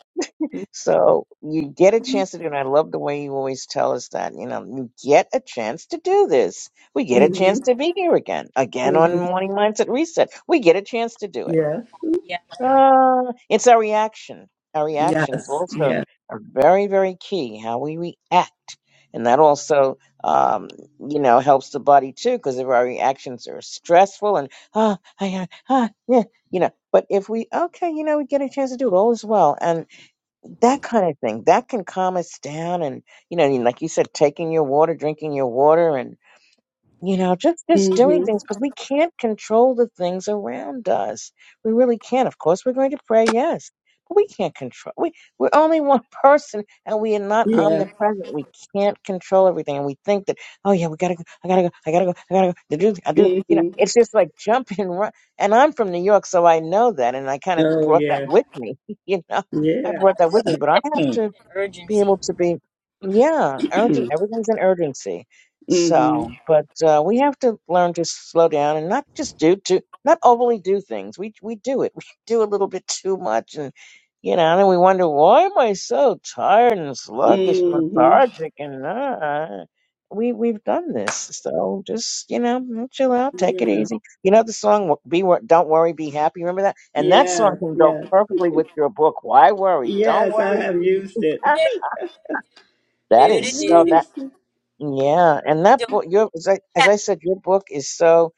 S2: So you get a chance to do it. And I love the way you always tell us that, you know, you get a chance to do this. We get a
S3: Mm-hmm.
S2: chance to be here again, again
S3: Mm-hmm.
S2: on Morning Mindset Reset. We get a chance to do it.
S3: Yeah.
S1: yeah,
S2: Uh, it's our reaction. Our reactions
S3: Yes.
S2: also
S3: Yes.
S2: are very, very key, how we react. And that also, um, you know, helps the body too, because if our reactions are stressful and, ah, I, uh, ah, yeah, you know, but if we, okay, you know, we get a chance to do it all as well that kind of thing that can calm us down and you know and like you said taking your water drinking your water and you know just just doing
S3: Mm-hmm.
S2: things because we can't control the things around us we really can't of course we're going to pray yes but we can't control we we're only one person and we are not
S3: Yeah.
S2: omnipresent we can't control everything and we think that oh yeah we gotta go i gotta go i gotta go i gotta go I do i do you know
S3: Mm-hmm.
S2: it's just like jump and run and i'm from new york so i know that and i kind of
S3: Oh
S2: brought that
S3: yeah.
S2: with me you know i
S3: Yeah.
S2: brought that
S1: that
S2: with me but i have to
S1: constant
S2: being
S1: urgency.
S2: able to be, yeah,
S3: mm-hmm.
S2: urgent. Everything's an urgency. So, but uh, we have to learn to slow down and not just do to not overly do things. We we do it. We do a little bit too much, and you know, and then we wonder why am I so tired and sluggish, and
S3: Mm-hmm.
S2: lethargic, and uh, we we've done this. So just you know, mm, chill out, take it
S3: Yeah.
S2: easy. You know the song "Be Wor- Don't Worry, Be Happy." Remember that, and that song
S3: Yes.
S2: can go
S3: Yes.
S2: perfectly with your book. Why worry? Don't
S3: Yes. I have
S2: worry.
S3: used
S2: Be
S3: it.
S1: Do do
S2: That
S3: I
S1: do
S2: is
S1: do
S3: have
S1: do.
S2: so
S1: do.
S2: that
S3: used it.
S2: yeah, and that
S1: Don't
S2: book your as I,
S1: be
S2: as I said, your book is so.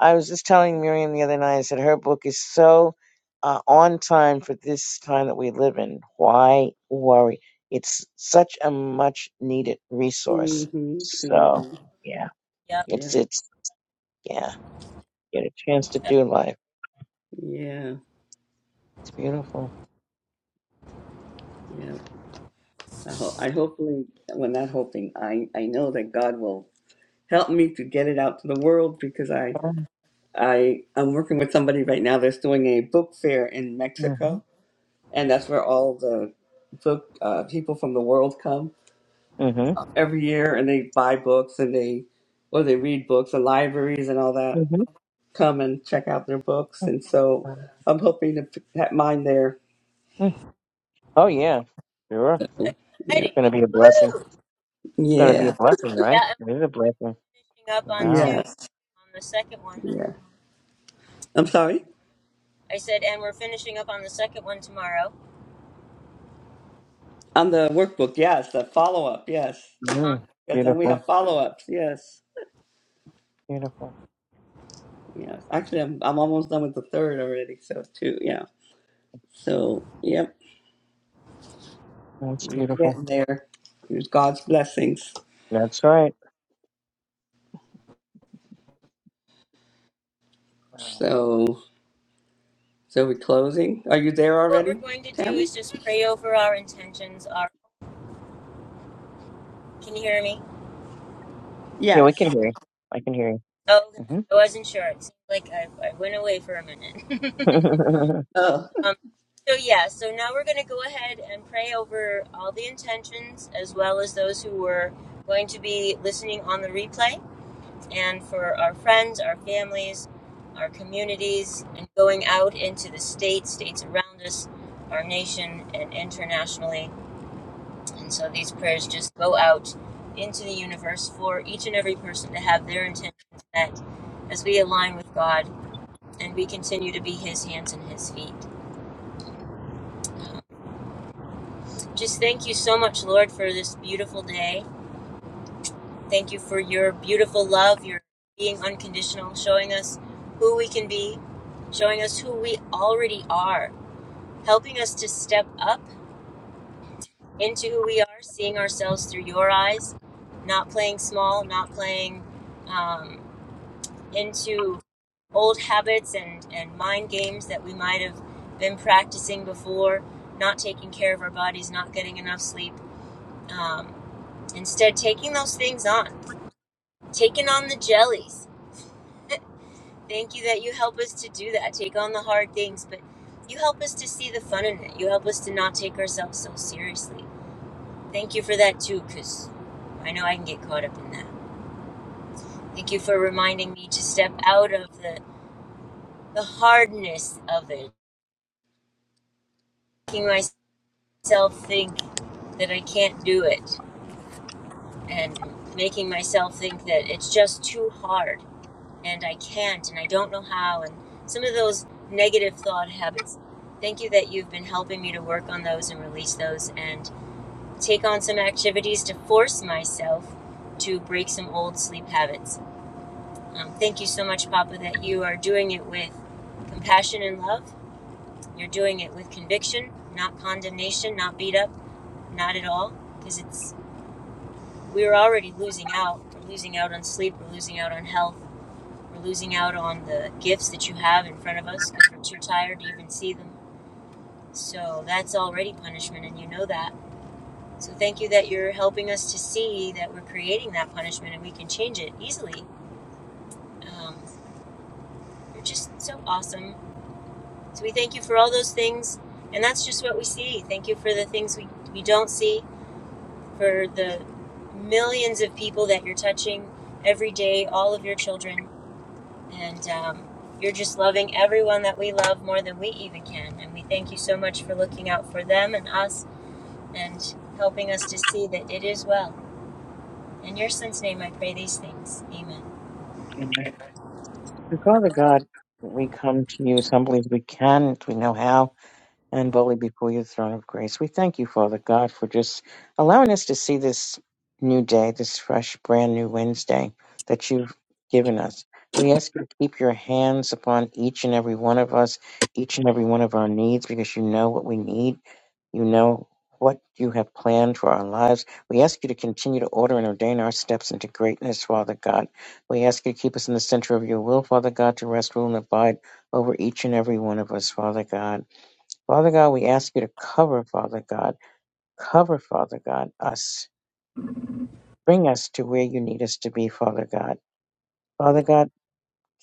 S2: I was just telling Miriam the other night. I said her book is so uh, on time for this time that we live in. Why worry? It's such a much needed resource.
S3: Mm-hmm.
S2: So
S3: Mm-hmm.
S2: yeah,
S1: happy.
S3: Yeah.
S2: it's it's yeah. Get a chance
S1: Yep.
S2: to do life.
S3: Yeah.
S2: It's beautiful.
S3: Yeah. I hope. I hopefully. Well, not hoping. I. I know that God will help me to get it out to the world because I.
S2: Um,
S3: I. I'm working with somebody right now that's doing a book fair in
S2: Mm-hmm.
S3: Mexico, and that's where all the book uh, people from the world come
S2: Mm-hmm.
S3: every year, and they buy books and they or they read books. The libraries and all that
S2: Mm-hmm.
S3: come and check out their books, and so
S2: mm-hmm.
S3: I'm hoping to p- have mine there.
S2: Oh yeah, sure.
S3: Yeah.
S1: Exciting.
S2: Gonna be a blessing.
S1: Woohoo!
S2: It's going to be
S3: Yeah.
S2: a blessing, right?
S1: Yeah, and
S2: It is a blessing.
S1: we're finishing up on two
S2: Wow.
S3: Yes.
S1: on the second one.
S3: Yeah. I'm
S1: We're gonna
S3: sorry?
S1: be, I said, and we're finishing up on the second one tomorrow.
S3: On the workbook, yes, the follow up, yes.
S1: Uh-huh.
S2: Mm,
S3: Yes, then we
S2: beautiful.
S3: have follow ups, yes.
S2: Beautiful.
S3: Yes. Actually I'm I'm almost done with the third already, so two, yeah. So yep.
S2: That's
S3: We're
S2: beautiful.
S3: getting there. There's God's blessings.
S2: That's right. Wow.
S3: So so we're closing. Are you there
S1: What we're
S3: already,
S1: going to do
S3: Tammy?
S1: is just pray over our intentions. Our, can you hear me?
S2: Yeah, we
S3: Yes.
S2: can hear you. I can hear
S1: Oh,
S2: you.
S1: I wasn't sure. It seemed like I, I went away for a minute.
S2: Mm-hmm.
S3: Oh.
S1: um, so, yeah, so now we're going to go ahead and pray over all the intentions as well as those who were going to be listening on the replay. and for our friends, our families, our communities, and going out into the states, states around us, our nation, and internationally. And so these prayers just go out into the universe for each and every person to have their intentions met as we align with God and we continue to be His hands and His feet. Just thank you so much, Lord, for this beautiful day. Thank you for your beautiful love, your being unconditional, showing us who we can be, showing us who we already are, helping us to step up into who we are, seeing ourselves through your eyes, not playing small, not playing um, into old habits and, and mind games that we might have been practicing before, not taking care of our bodies, not getting enough sleep. Um, instead, taking those things on, taking on the jellies Thank you that you help us to do that, take on the hard things, but you help us to see the fun in it. You help us to not take ourselves so seriously. Thank you for that too, because I know I can get caught up in that. Thank you for reminding me to step out of the, the hardness of it, making myself think that I can't do it, and making myself think that it's just too hard. and I can't and I don't know how and some of those negative thought habits. Thank you that you've been helping me to work on those and release those and take on some activities to force myself to break some old sleep habits. Um, thank you so much, Papa, that you are doing it with compassion and love. You're doing it with conviction, not condemnation, not beat up, not at all, because it's we're already losing out. We're losing out on sleep. We're losing out on health We're losing out on the gifts that you have in front of us because we're too tired to even see them. So that's already punishment, and you know that. So thank you that you're helping us to see that we're creating that punishment and we can change it easily. Um, you're just so awesome. So we thank you for all those things, and that's just what we see. Thank you for the things we, we don't see, for the millions of people that you're touching every day, all of your children. And um, you're just loving everyone that we love more than we even can. And we thank you so much for looking out for them and us and helping us to see that it is well. In your son's name, I pray these things. Amen.
S2: Father God, we come to you as humbly as we can, if we know how. and boldly before your throne of grace. We thank you, Father God, for just allowing us to see this new day, this fresh, brand new Wednesday that you've given us. We ask you to keep your hands upon each and every one of us, each and every one of our needs, because you know what we need. You know what you have planned for our lives. We ask you to continue to order and ordain our steps into greatness, Father God. We ask you to keep us in the center of your will, Father God, to rest, rule, and abide over each and every one of us, Father God. Father God, we ask you to cover, Father God, cover, Father God, us. Bring us to where you need us to be, Father God. Father God,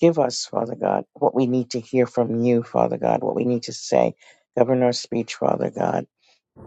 S2: give us, Father God, what we need to hear from you, Father God, what we need to say. Govern our speech, Father God.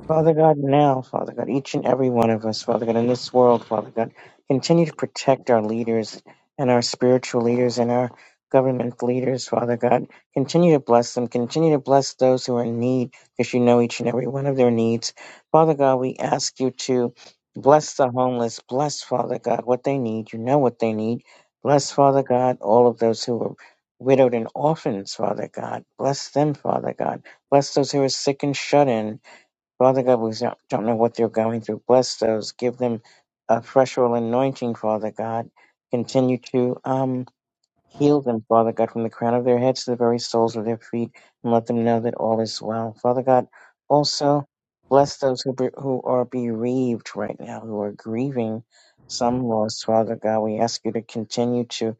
S2: Father God, now, Father God, each and every one of us, Father God, in this world, Father God, continue to protect our leaders and our spiritual leaders and our government leaders, Father God. Continue to bless them. Continue to bless those who are in need because you know each and every one of their needs. Father God, we ask you to bless the homeless. Bless, Father God, what they need. You know what they need. Bless, Father God, all of those who are widowed and orphans, Father God. Bless them, Father God. Bless those who are sick and shut in. Father God, we don't don't know what they're going through. Bless those. Give them a fresh oil anointing, Father God. Continue to. um, Heal them, Father God, from the crown of their heads to the very soles of their feet, and let them know that all is well. Father God, also bless those who, be, who are bereaved right now, who are grieving some loss. Father God, we ask you to continue to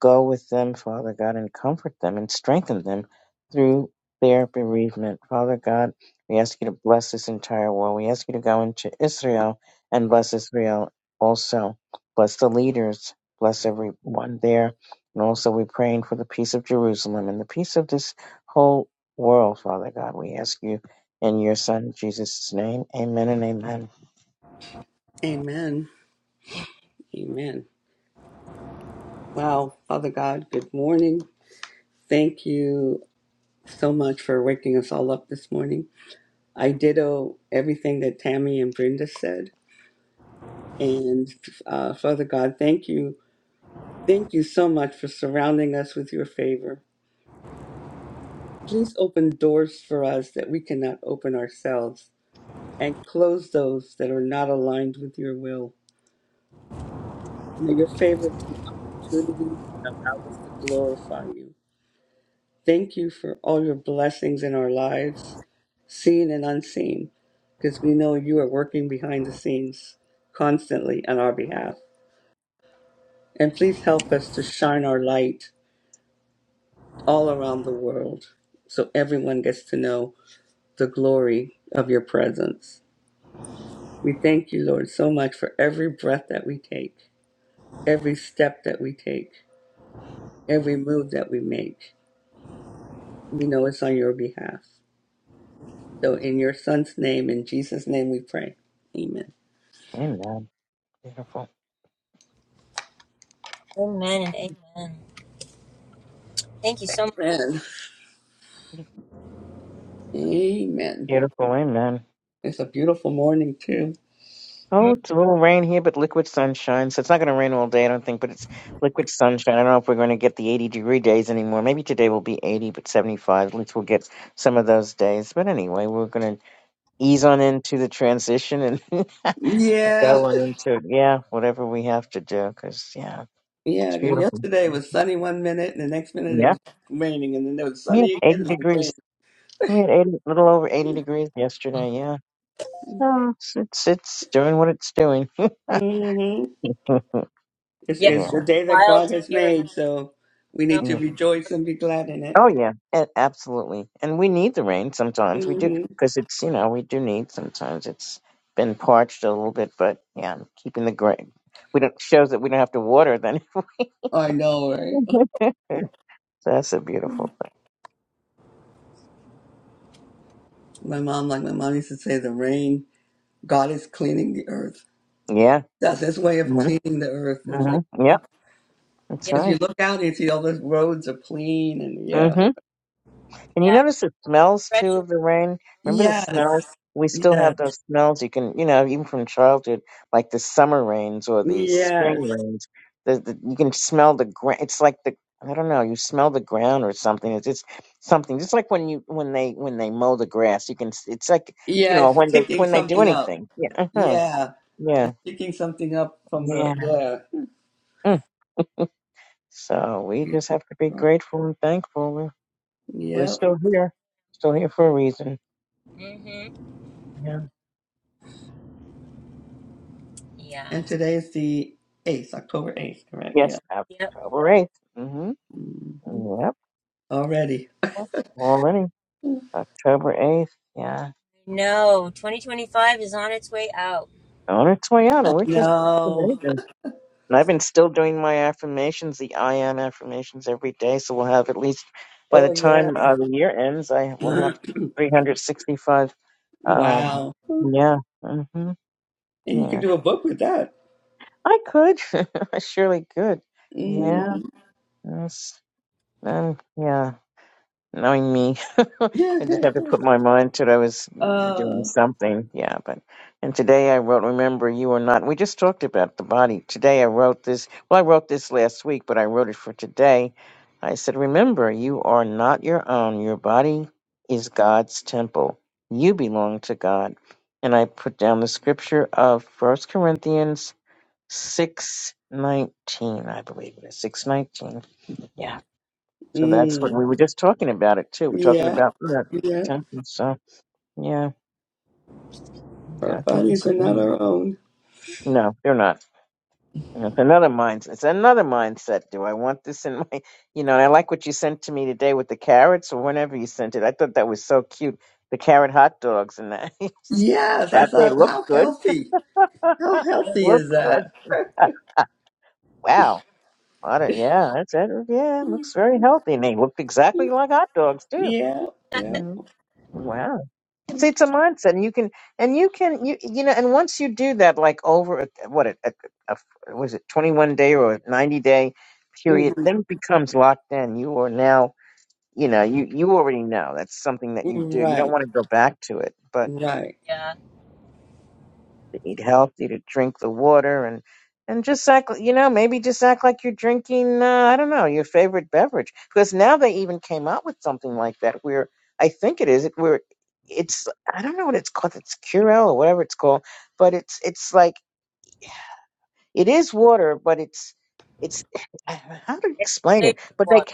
S2: go with them, Father God, and comfort them and strengthen them through their bereavement. Father God, we ask you to bless this entire world. We ask you to go into Israel and bless Israel also. Bless the leaders, bless everyone there and also we're praying for the peace of Jerusalem and the peace of this whole world, Father God. We ask you in your Son Jesus' name. Amen and amen.
S3: Amen. Amen. Wow, Father God, good morning. Thank you so much for waking us all up this morning. I ditto everything that Tammy and Brenda said. And uh, Father God, thank you. Thank you so much for surrounding us with your favor. Please open doors for us that we cannot open ourselves and close those that are not aligned with your will. May your favor bring opportunities that allow us to glorify you. Thank you for all your blessings in our lives, seen and unseen, because we know you are working behind the scenes constantly on our behalf. And please help us to shine our light all around the world so everyone gets to know the glory of your presence. We thank you, Lord, so much for every breath that we take, every step that we take, every move that we make. We know it's on your behalf. So, in your son's name, in Jesus' name, we pray. Amen.
S2: Amen. Beautiful.
S1: Amen and amen. Thank you so much.
S3: Amen. Amen.
S2: Beautiful. Amen.
S3: It's a beautiful morning, too.
S2: Oh,
S1: Mm,
S2: it's a little rain here, but liquid sunshine. So it's not going to rain all day, I don't think, but it's liquid sunshine. I don't know if we're going to get the 80 degree days anymore. Maybe today will be 80, but 75. At least we'll get some of those days. But anyway, we're going to ease on into the transition and
S3: Yeah.
S2: go on into, yeah, whatever we have to do. Because, yeah.
S3: Yeah,
S2: It's
S3: 'cause
S2: beautiful.
S3: yesterday it was sunny one minute, and the next minute it
S2: Yeah.
S3: was raining, and then it was
S2: We had
S3: sunny
S2: 80
S3: again, and then
S2: degrees.
S3: rain.
S2: We had 80, a little over 80 degrees yesterday. Yeah. So it's, it's, it's doing what it's doing.
S3: Mm-hmm.
S2: yeah.
S3: It's,
S1: Yeah,
S3: it's
S2: yeah.
S3: the
S1: it's
S3: day that
S1: wild
S3: God
S1: to
S3: has
S1: hear and
S3: made, so we
S1: snow.
S3: need to rejoice and be glad in it.
S2: Oh, yeah. A- absolutely. And we need the rain sometimes. We do,
S3: hmm
S2: because it's, you know, we do need sometimes. It's been parched a little bit, but yeah, keeping the grain. We don't, shows that we don't have to water then.
S3: I know, right?
S2: That's a beautiful
S3: My mom, like my mom used to say, the rain, God is cleaning the earth.
S2: thing. Yeah.
S3: That's his way of
S2: Mm-hmm.
S3: cleaning the earth. It's like,
S2: Mm-hmm. Yep.
S3: yeah.
S2: That's
S1: Yep,
S3: Because you
S2: right.
S3: look out and you see all those roads are clean, and
S2: Mm-hmm.
S3: yeah.
S1: yeah.
S2: And you
S1: yeah.
S2: notice the smells
S1: Fresh
S2: too of the rain. Remember the smells?
S3: Yes.
S2: We still
S3: Yes.
S2: have those smells. You can, you know, even from childhood, like the summer rains or the
S3: Yes.
S2: spring rains. The, the you can smell the ground. It's like the I don't know. You smell the ground or something. It's just something. Just like when you when they when they mow the grass, you can. s- It's like you
S3: Yeah,
S2: know
S3: it's
S2: when they
S3: picking
S2: when they do
S3: something up.
S2: anything. Yeah. uh
S3: Yeah.
S2: Yeah.
S3: Just picking something up from the
S2: Yeah.
S3: yeah.
S2: Mm. So we just have to be
S3: Right.
S2: grateful and thankful. We're we're
S3: Yep.
S2: still here, still here for a reason.
S1: rain. Mm-hmm.
S2: Yeah.
S1: Yeah.
S3: And today's the 8th, October 8th, correct? Yeah.
S2: Yes,
S1: Yep.
S2: October 8th. Mm-hmm.
S3: hmm
S2: Yep.
S3: Already.
S2: that's Already October 8th. Yeah.
S1: No, 2025 is on its way out.
S2: On its way out. And we're just
S3: No.
S2: amazing. And I've been still doing my affirmations, the I am affirmations every day. So we'll have at least, by the
S3: Oh, yeah.
S2: time uh, the year ends, I will have 365. Um,
S3: wow. And
S2: yeah. hmm
S3: you can
S2: Yeah.
S3: do a book with that.
S2: I could. I surely could. Yeah.
S3: Mm.
S2: Yes. Um, yeah. Knowing me, I just have to put my mind to it. I was doing
S3: uh,
S2: something, yeah. But and today I wrote, "Remember, you are not." We just talked about the body. Today I wrote this. Well, I wrote this last week, but I wrote it for today. I said, "Remember, you are not your own. Your body is God's temple. You belong to God." And I put down the scripture of First Corinthians six nineteen. I believe it is six nineteen. Yeah. So that's what
S3: mm.
S2: we were just talking about it too. We're talking
S3: Yeah.
S2: about that
S3: Yeah.
S2: temperance. So yeah,
S3: Our
S2: God give us
S3: bodies
S2: a
S3: are not
S2: woman.
S3: our own.
S2: No, they're not. And It's another mindset. It's another mindset. Do I want this in my? You know, and I like what you sent to me today with the carrots or whenever you sent it. I thought that was so cute. The carrot hot dogs and that.
S3: Yes. I
S2: that they
S3: thought,
S2: look
S3: how
S2: good.
S3: healthy. How
S2: They
S3: healthy
S2: look
S3: is
S2: good.
S3: that?
S2: Wow. What a, yeah, that's it. Yeah, it looks very healthy. And they look exactly like hot dogs too.
S3: Yeah. Yeah.
S2: Mhm. Wow. it's a mindset and you can and you can you you know and once you do that like over a, what a, a, a was it 21 day or a 90 day period
S3: hmm
S2: then it becomes locked in you are now you know you you already know that's something that you do you don't
S3: Right.
S2: want to go back to it but
S3: Right.
S1: Yeah.
S2: eat healthy, to drink the water, and and just act, you know, maybe just act like you're drinking, uh, I don't know, your favorite beverage. Because now they even came out with something like that, where I think it is, it where it's, I don't know what it's called, it's Curel or whatever it's called, but it's it's like it is water, but it's it's how to
S1: It's
S2: explain it.
S1: flavored
S2: But
S1: water.
S2: they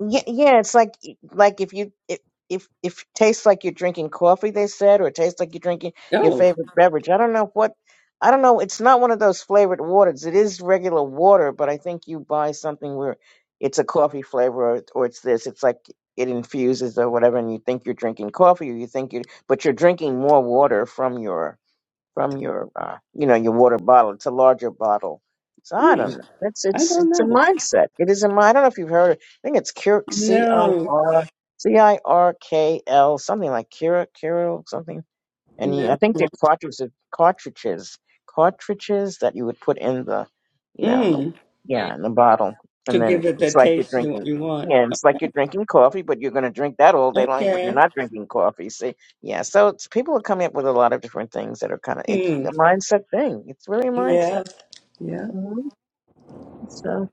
S2: yeah, yeah, it's like like if you if if if it tastes like you're drinking coffee, they said, or it tastes like you're drinking your
S3: Oh,
S2: favorite beverage. I don't know what I don't know. It's not one of those flavored waters. It is regular water, but I think you buy something where it's a coffee flavor or, or it's this. It's like it infuses or whatever, and you think you're drinking coffee, or you think you, but you're drinking more water from your from your uh, you know your water bottle. It's a larger bottle. So I
S3: mm,
S2: don't know. It's
S3: I
S2: it's
S3: don't
S2: it's a
S3: know.
S2: mindset. It is a mind. I don't know if you've heard. I think it's Cure C I
S3: No,
S2: R C I R K L something like Cura Cura something and
S3: no.
S2: I think they're cartridges, cartridges, cartridges that you would put in the, you know, in the,
S3: Mm,
S1: Mhm.
S2: yeah, in the bottle,
S3: to
S2: and
S3: give
S2: then
S3: it the
S2: it's like you're
S3: taste you
S2: drinking,
S3: you want.
S2: yeah, it's like you're drinking coffee, but you're gonna drink that all day long, but you're
S3: Okay.
S2: not drinking coffee. See, yeah, so it's people are coming up with a lot of different things that are kind of it's a
S3: Mm,
S2: mindset thing. It's really a mindset.
S3: yeah, yeah.
S2: hmm So.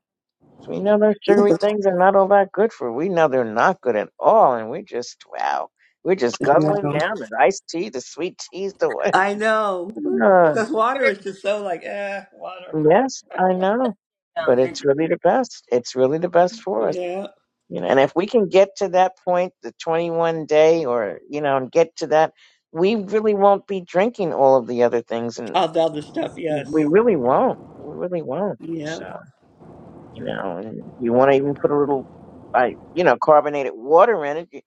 S2: We know those sugary things are not all that good for. We know they're not good at all, and we just wow, we're just guzzling
S3: No.
S2: down the iced tea, the sweet teas, the
S3: I know.
S2: Uh,
S3: Because water is just so like, eh, water.
S1: sugars
S2: yes, I
S1: is such
S2: know,
S1: a
S2: but
S1: um and
S2: it's really the best. It's really the best for us,
S3: Yeah.
S2: you know. And
S1: yeah
S2: if we can get to that point, the 21 day, or you know, and get to that, we really won't be drinking all of the other things, and
S3: All the other stuff,
S2: we
S3: yes.
S2: really won't. We really won't.
S3: Yeah.
S2: So you know, and if you want to even put a little, I you know, carbonated water in it.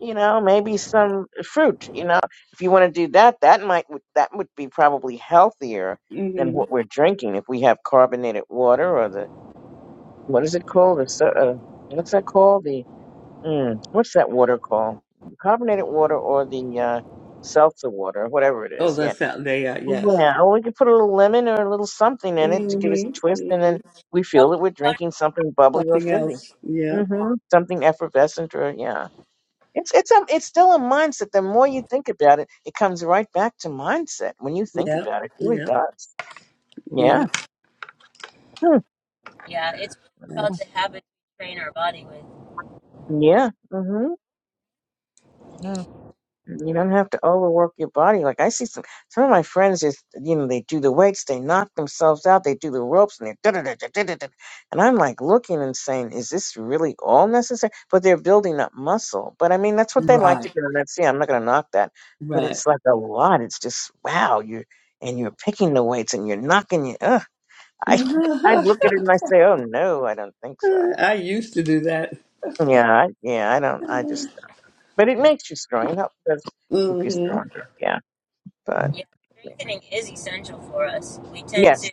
S2: you know, maybe some fruit, you know. If you want to do that, that might that would be probably healthier than
S3: Mm-hmm.
S2: what we're drinking if we have carbonated water or the what is it called? The so- uh, what's that called? The mm, what's that water called? Carbonated water or the uh, seltzer water, whatever it
S3: Oh,
S2: is. Yeah.
S3: that's not they are, yes.
S2: Yeah, or we could put a little lemon or a little something in it to give us
S3: Mm-hmm.
S2: a twist, and
S3: hmm
S2: then we feel
S1: healthy
S2: that we're
S1: water.
S2: drinking something bubbly or
S3: Something
S2: fizzy.
S3: else. Yeah,
S2: hmm Something effervescent or, yeah. It's it's a, it's still a mindset. The more you think about it, it comes right back to mindset. When you think
S3: yeah,
S2: about it, it really
S3: yeah,
S2: does.
S3: yeah.
S2: Yeah. Hmm.
S1: Yeah, it's really about the
S3: That's
S1: habits we train our body with.
S2: Yeah. Mm-hmm. Yeah. You don't have to overwork your body. Like I see some some of my friends just you know they do the weights, they knock themselves out, they do the ropes, and they da da da da da da. da. And I'm like looking and saying, is this really all necessary? But they're building up muscle. But I mean, that's what they like to
S3: right,
S2: do, and that's yeah. I'm not going to knock that. But
S3: right.
S2: it's like a lot. It's just wow. You're and you're picking the weights and you're knocking you. Ugh. I I look at it and I say, oh no, I don't think so.
S3: Uh, I used to do that.
S2: Yeah, I, yeah, I don't. I just. But it makes you strong. It helps does keep you
S3: hmm
S2: stronger. Yeah. but.
S1: Yeah, strengthening is essential for us. We tend to
S2: Yes.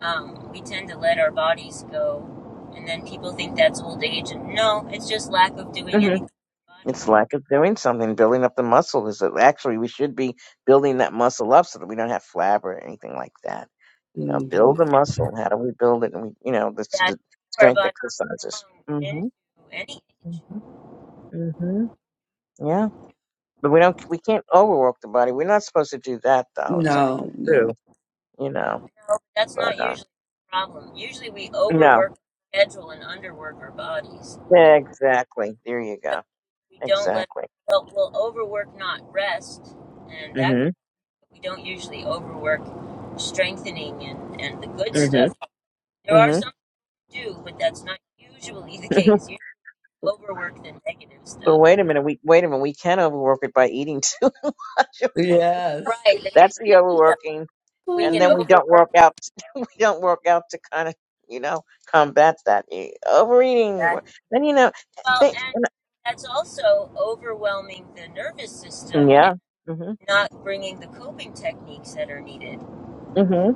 S1: um we tend to let our bodies go, and then people think that's old age. And no, it's just lack of doing
S2: hmm
S1: anything to the body.
S2: It's lack of doing something, building up the muscle. Is that actually we should be building that muscle up so that we don't have flab or anything like that. You know,
S3: hmm
S2: build the muscle. How do we build it? And we, you know, the, s-
S1: Yeah, yeah,
S2: the
S1: keep our
S2: strength
S1: body
S2: exercises.
S1: strong into
S2: Mm-hmm.
S1: any age.
S2: Mm-hmm. Mm-hmm. Yeah, but we don't. We can't overwork the body. We're not supposed to do that, though. Some
S3: No,
S2: people
S3: no.
S2: do. You know,
S1: No, that's
S2: but
S1: not
S2: um,
S1: usually the problem. Usually we
S2: no.
S1: overwork our schedule and underwork our bodies.
S2: Exactly. There you
S1: don't,
S2: go.
S1: we don't let
S2: Exactly.
S1: well we'll overwork not rest and that
S2: Mm-hmm.
S1: we don't usually overwork strengthening and and the good stuff
S2: Mm-hmm.
S1: there are some
S2: Mm-hmm.
S1: who do but that's not usually the case you overwork the negative
S2: Well,
S1: stuff
S2: wait a minute. We wait a minute. We can overwork it by eating too much.
S3: Yes.
S1: right the
S2: That's the
S1: negative stuff
S2: overworking,
S1: we
S2: and
S1: can
S2: then
S3: Mm,
S2: we don't
S1: overwork
S2: work out. We don't work out to kind of you know combat that eh, overeating.
S1: that
S2: Then you know,
S1: well
S2: think,
S1: and that's also overwhelming the nervous
S2: and-
S1: system and
S2: yeah, hmm
S1: not bringing the coping techniques that are needed
S2: hmm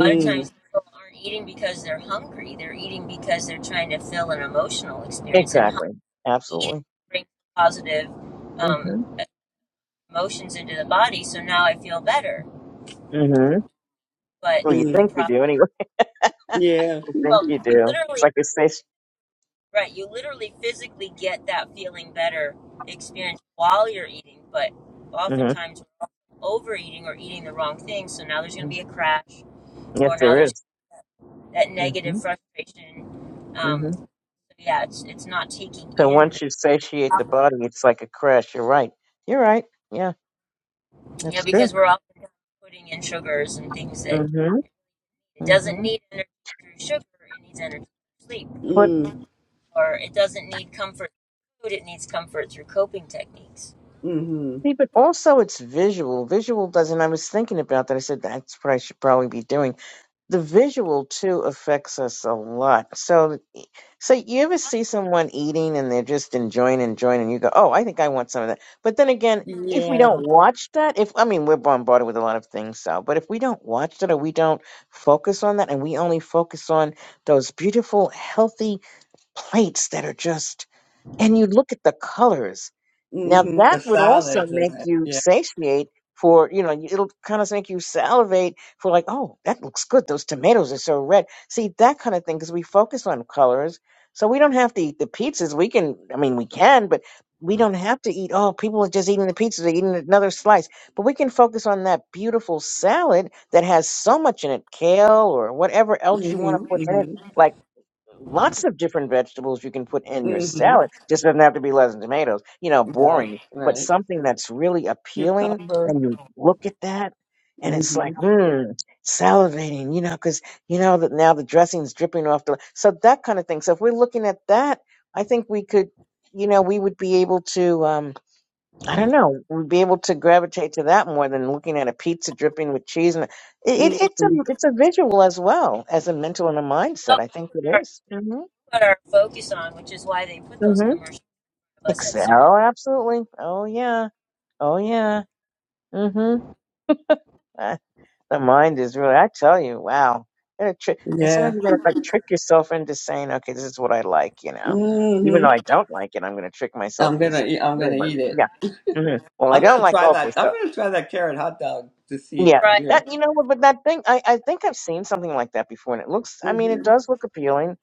S1: a lot of
S2: hmm
S1: times people aren't eating because they're hungry. They're eating because they're trying to fill an emotional experience, and
S2: exactly,
S1: eating
S2: absolutely,
S1: brings positive
S2: Mm hmm
S1: um, emotions into the body. So now I feel better.
S2: Mm hmm
S1: But
S2: Well, you
S1: the
S3: mm,
S2: think you
S1: problem
S2: do anyway.
S1: with that,
S3: yeah.
S2: you think
S1: well,
S2: you
S1: you
S2: do. It's
S1: literally,
S2: like a satiation.
S1: right? You literally physically get that feeling better experience while you're eating, but
S2: Mm-hmm.
S1: oftentimes we're overeating or eating the wrong thing. So now there's going to be
S2: mm-hmm.
S1: a crash,
S2: Yes,
S1: or now
S2: there
S1: there's
S2: is.
S1: that
S2: Mm
S1: negative
S2: hmm.
S1: frustration. Um,
S2: Mm-hmm.
S1: yeah, it's it's not taking
S2: So
S1: in
S2: once you
S1: the
S2: satiate the body, it's like a crash. You're right. You're right. Yeah.
S1: you know
S2: That's true.
S1: because we're often putting in sugars and things that
S2: hmm
S1: it doesn't
S2: hmm
S1: need energy through sugar, it needs energy through sleep,
S2: But
S3: Mm,
S1: or it doesn't need comfort through food, it needs comfort through coping techniques.
S3: hmm
S2: see, but also it's visual. Visual doesn't. I was thinking about that. I said that's what I should probably be doing. The visual too affects us a lot. So, so you ever see someone eating and they're just enjoying, enjoying, and you go, "Oh, I think I want some of that." But then again, if we
S3: Yeah.
S2: don't watch that, if I mean we're bombarded with a lot of things, so but if we don't watch that or we don't focus on that, and we only focus on those beautiful, healthy plates that are just, and you look at the colors Now
S3: hmm
S2: that
S3: The
S2: would also
S3: salads in
S2: make
S3: it.
S2: you
S3: Yeah.
S2: satiate for, you know, you- it'll kind of make you salivate for like, oh, that looks good. Those tomatoes are so red. See, that kind of thing, because we focus on colors. So we don't have to eat the pizzas. We can, I mean, we can, but we don't have to eat, oh, people are just eating the pizzas, they're eating another slice. But we can focus on that beautiful salad that has so much in it, kale or whatever else you want to put in it.
S3: hmm
S2: Like lots of different vegetables you can put in your
S3: hmm hmm
S2: salad. Just doesn't have to be lettuce and tomatoes. You know,
S3: Right.
S2: boring, but
S3: Right.
S2: something that's really appealing.
S3: Cucumber.
S2: And you look at that, and it's
S3: hmm
S2: like, hmm, salivating. You know, because you know that now the dressing's dripping off the. So that kind of thing. So if we're looking at that, I think we could, you know, we would be able to. um I don't know. We'd be able to gravitate to that more than looking at a pizza dripping with cheese, and it, it, it's a
S3: hmm
S2: it's a visual as well as a mental and a mindset.
S1: What
S2: I think
S1: we put
S2: it
S1: our
S2: is. Mm-hmm.
S1: put our focus on, which is why they put those
S2: Mm-hmm.
S1: commercials of us at certain
S2: Oh, absolutely. Oh, yeah. Oh, yeah. Mm-hmm. Uh, the mind is really, I tell you, wow. Gotta tri- and
S3: Yeah.
S2: sometimes you gotta like trick yourself into saying, okay, this is what I like, you know. Even
S3: hmm
S2: though I don't like it, I'm gonna trick myself
S3: I'm
S2: into
S3: gonna.
S2: saying
S3: Eat,
S2: that
S3: I'm gonna
S2: really much.
S3: eat it.
S2: Yeah. Mm-hmm. Well, I
S3: I'm
S2: don't
S3: gonna
S2: like
S3: try
S2: okra,
S3: that.
S2: so.
S3: I'm gonna try that carrot hot dog to see
S2: Yeah.
S3: for
S1: right.
S3: real.
S2: That you know what, but that thing I, I think I've seen something like that before and it looks I mean it
S3: hmm
S2: does look appealing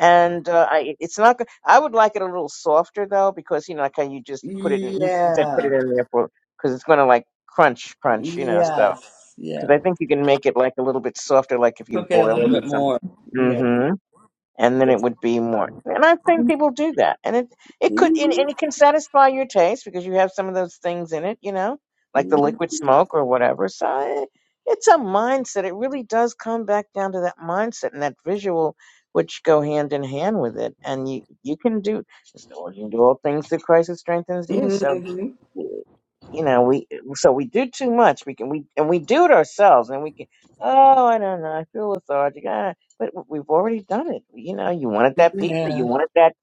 S2: and uh, I it's not go- I would like it a little softer though because you know like how you just put it in you said put
S3: Yeah.
S2: it in there for cuz it's going to like crunch crunch you know so
S3: Yes, yeah.
S2: cuz I think you can make it like a little bit softer like if you
S3: Cook it a
S2: boil
S3: little
S2: it or
S3: bit more. Yeah.
S2: something and then it would be more. And i think people do that, and it it could and, and
S3: Mm-hmm.
S2: it can satisfy your taste because you have some of those things in it, you know, like the liquid smoke or whatever. So I- it's a mindset. It really does come back down to that mindset and that visual, which go hand in hand with it. And you you can do you can do all things through Christ who strengthens you. So
S3: Mm-hmm.
S2: you know we so we do too much we can we and we do it ourselves and we can oh i don't know i feel lethargic ah, but we've already done it you know you wanted that pizza
S3: Yeah.
S2: you wanted that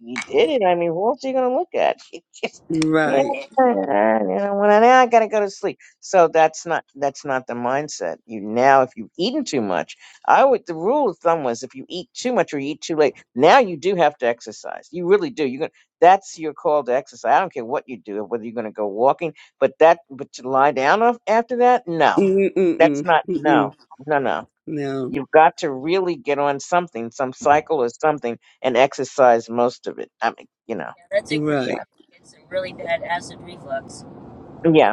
S2: you did it i mean who else are you going to look at It just yeah
S3: Right.
S2: and I want to- now i gotta go to sleep so that's not that's not the mindset you now if you've eaten too much i would the rule of thumb was if you eat too much or you eat too late now you do have to exercise you really do you're gonna that's your call to exercise. I don't care what you do, whether you're going to go walking but that, but to lie down af- after that, no, that's
S3: Mm-mm-mm.
S2: not,
S3: Mm-mm.
S2: no, no, no.
S3: No.
S2: You've got to really get on something, some cycle or something, and exercise most of it. I mean, you know,
S1: Yeah, that's a great.
S3: Right.
S2: yeah,
S1: It's a really bad acid reflux
S2: yeah.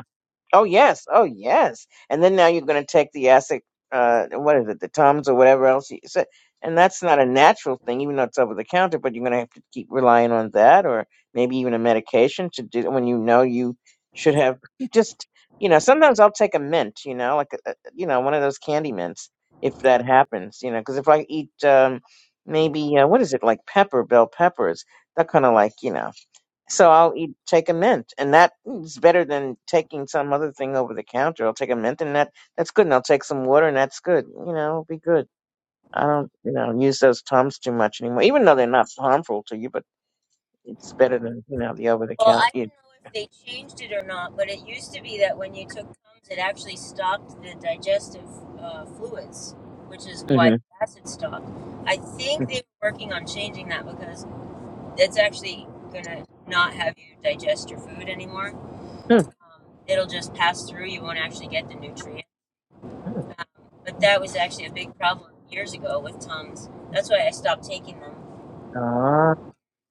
S2: Oh yes, oh yes. And then now you're going to take the acid, uh, what is it, the tums or whatever else you said, and that's not a natural thing, even though it's over the counter. But you're going to have to keep relying on that, or maybe even a medication to do when you know you should have just, you know, sometimes I'll take a mint, you know, like a, a- you know one of those candy mints if that happens, you know, because if I eat um, maybe uh, what is it like pepper, bell peppers, that kind of like you know. So I'll eat take a mint, and that is better than taking some other thing over the counter. I'll take a mint, and that that's good. And I'll take some water, and that's good. You know, it'll be good. I don't, you know, use those tums too much anymore, even though they're not harmful to you, but it's better than you know the over the
S1: Well,
S2: counter.
S1: I don't know if they changed it or not, but it used to be that when you took Tums, it actually stopped the digestive uh, fluids, which is why
S2: Mm-hmm.
S1: acid stopped. I think they were working on changing that because it's actually going to not have you digest your food anymore.
S2: Hmm.
S1: Um, it'll just pass through. You won't actually get the nutrient.
S2: Hmm.
S1: Um, but that was actually a big problem years ago with Tums. That's why I stopped taking them.
S2: Ah.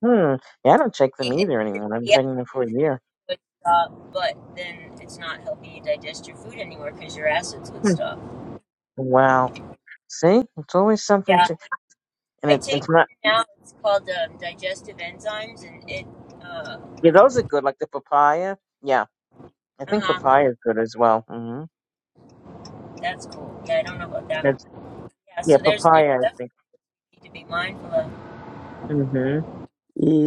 S2: Hmm. Yeah, I don't take them
S1: It
S2: either anymore. I'm have
S1: Yeah,
S2: taking them for a
S1: it's
S2: year.
S1: would stop, but then it's not helping you digest your food anymore because your acids would
S2: Hmm.
S1: stop.
S2: Wow. See, it's always something
S1: Yeah,
S2: to, and
S1: I
S2: it,
S1: take
S2: it's not.
S1: it now. It's called um, digestive enzymes, and it. Uh
S2: Yeah, those are good, like the papaya. Yeah, I think
S1: huh.
S2: papaya is good as well. hmm
S1: That's cool. Yeah, I don't know about that one. Yeah,
S2: Yeah,
S1: so there's there's
S2: papaya, I
S1: stuff
S2: think.
S1: you need to be mindful of.
S2: hmm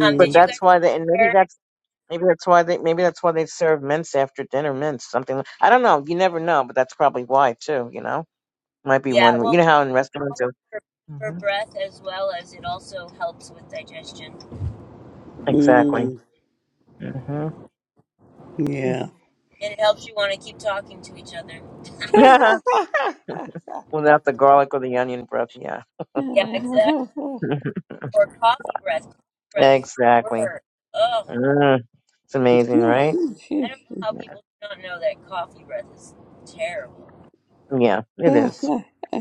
S1: Um,
S2: But
S1: did you guys
S2: that's why they, and maybe
S1: hear?
S2: that's maybe that's why they maybe that's why they serve mints after dinner, mints something. like- I don't know. You never know, but that's probably why too. You know, might be
S1: Yeah,
S2: one.
S1: well,
S2: You know how in
S1: both
S2: restaurants, are,
S1: for, for
S2: hmm
S1: breath as well as it also helps with digestion,
S2: exactly.
S3: Mm.
S2: hmm
S3: Yeah.
S1: and it helps you want to keep talking to each other.
S2: Yeah,
S3: oh
S2: without the garlic or the onion breath. Yeah,
S1: Yeah, exactly. or coffee breath. Coffee breath is the
S2: exactly.
S1: word. Ugh,
S2: Mm. It's amazing, right?
S1: I don't know how people do not know that coffee breath is terrible.
S2: Yeah, it is.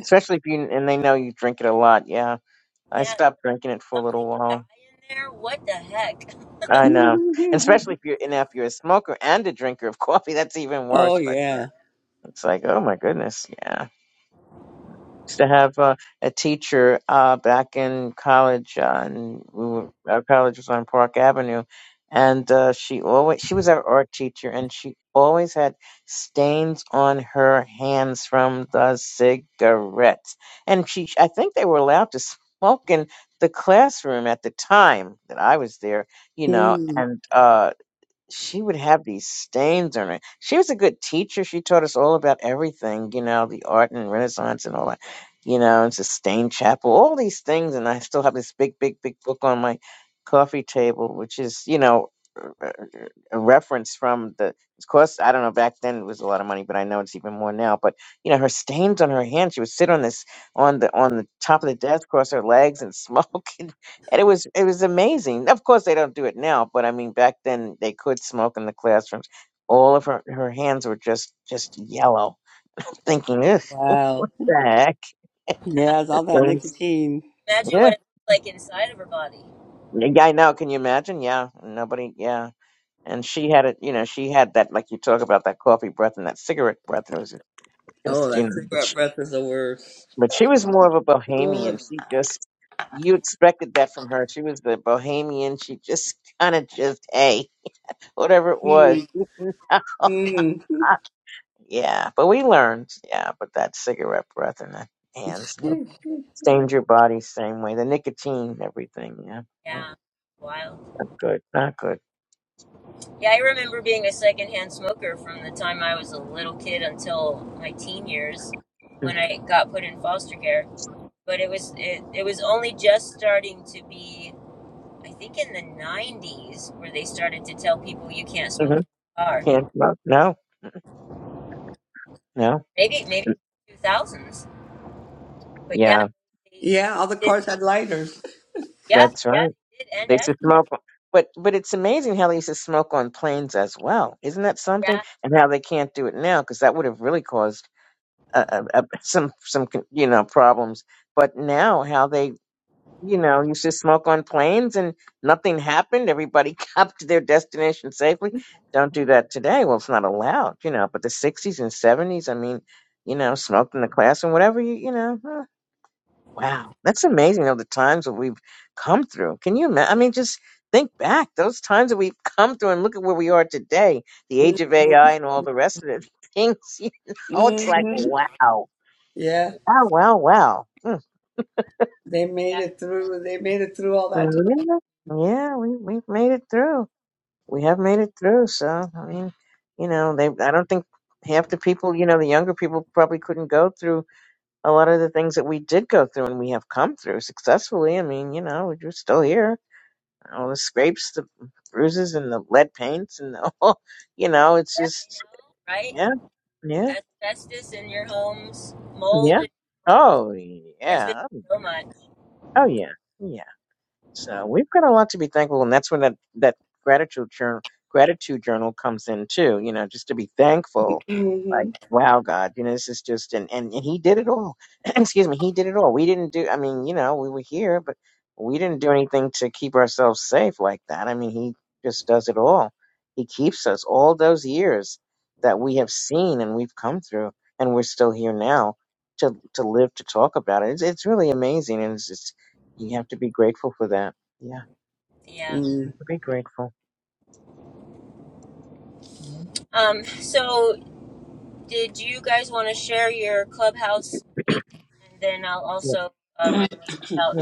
S2: Especially if you and they know you drink it a lot. Yeah, I
S1: Yeah,
S2: stopped drinking it for a
S1: something
S2: little
S1: die
S2: while.
S1: in there. What the heck?
S2: I know. And especially if you're and if you're a smoker and a drinker of coffee, that's even worse. But
S1: Oh,
S3: yeah.
S2: yeah. it's like, oh my goodness, yeah. Used to have uh, a teacher uh, back in college, uh, and we were, our college was on Park Avenue, and uh, she always she was our art teacher, and she always had stains on her hands from the cigarettes, and she I think they were allowed to smoke in the classroom at the time that I was there, you know,
S3: Mm.
S2: and uh she would have these stains on her. She was a good teacher. She taught us all about everything, you know, the art and Renaissance and all that, you know, and Sistine Chapel, all these things. And I still have this big, big, big book on my coffee table, which is, you know, a reference from the of course i don't know back then it was a lot of money but i know it's even more now but you know her stains on her hands she would sit on this on the on the top of the desk cross her legs and smoke and, and it was it was amazing of course they don't do it now but i mean back then they could smoke in the classrooms all of her her hands were just just yellow thinking Ugh,
S3: Wow.
S2: the heck
S1: Yeah.
S3: Yeah, it's all that
S2: Things-
S3: nicotine.
S1: Imagine
S2: yeah
S1: what it looks like inside of her body.
S2: yeah i know can you imagine yeah nobody yeah and she had it you know she had that like you talk about that coffee breath and that cigarette breath and it was
S3: Oh,
S2: just you
S3: that
S2: know, but
S3: cigarette
S2: she,
S3: breath is the worst.
S2: but she was more of a bohemian. She just you expected that from her. She was the bohemian. She just kind of just hey, whatever it
S3: Mm.
S2: was.
S3: Mm.
S2: yeah, but we learned. Yeah, but that cigarette breath in the hands stained your body same way. The nicotine, everything. Yeah, Mm,
S1: Yeah, wild.
S2: not good. Not good.
S1: Yeah, I remember being a secondhand smoker from the time I was a little kid until my teen years
S2: Mm,
S1: when I got put in foster care. But it was it, it was only just starting to be I think in the '90s where they started to tell people you can't smoke
S2: mhm.
S1: in the car.
S2: Can't smoke. No, no.
S1: Maybe maybe
S2: Mm,
S1: 2000s, but yeah,
S2: Yeah,
S1: they
S3: Yeah, all the
S1: did.
S3: cars had lighters.
S1: Yeah,
S2: that's
S1: yeah,
S2: right.
S1: they did. And
S2: They used
S1: ash.
S2: to smoke, but but it's amazing how they used to smoke on planes as well. Isn't that something?
S1: Yeah,
S2: And how they can't do it now because that would have really caused uh, uh, uh, some some con- you know problems. But now how they you know used to smoke on planes and nothing happened. Everybody got to their destination safely. Don't do that today. Well, it's not allowed, you know. But the '60s and '70s, I mean, you know, smoked in the classroom, whatever you you know. huh. Wow, that's amazing. All the times that we've come through. Can you imagine? I
S1: yeah,
S2: mean, just think back those times that we've come through, and look at where we are today. The age of AI and all the rest of the things. You know, it's like
S3: Mm-hmm.
S2: wow,
S3: Yeah,
S2: wow, wow, wow.
S3: they made
S1: yeah,
S3: it through. They made it through all that
S2: Mhm. Yeah, we we've made it through. We have made it through. So I mean, you know, they. I don't think half the people, you know, the younger people probably couldn't go through a lot of the things that we did go through, and we have come through successfully. I mean, you know, we're just still here all the scrapes, the bruises, and the lead paints, and the whole, you know, it's just,
S1: yeah. I know,
S2: yeah, yeah,
S1: right? Asbestos in your homes, mold
S2: yeah.
S1: in your homes.
S2: Oh,
S1: There's been
S2: yeah.
S1: so much.
S2: Oh, yeah, yeah. So we've got a lot to be thankful, and that's when that that gratitude journal gratitude journal comes in too. You know, just to be thankful. Like,
S3: time.
S2: wow, God, you know, this is just and and, and He did it all. Excuse me, He did it all. We didn't do. I mean, you know, we were here, but we didn't do anything to keep ourselves safe like that. I mean, He just does it all. He keeps us all those years that we have seen and we've come through, and we're still here now to to live to talk about it. It's it's really amazing, and it's, you have to be grateful for that. Yeah,
S3: hmm
S1: Yeah.
S3: Mm.
S2: be grateful. Mhm.
S1: Um. So, did you guys want to share your clubhouse date, and then I'll
S2: Yeah.
S1: also uh, remind
S3: The
S1: you about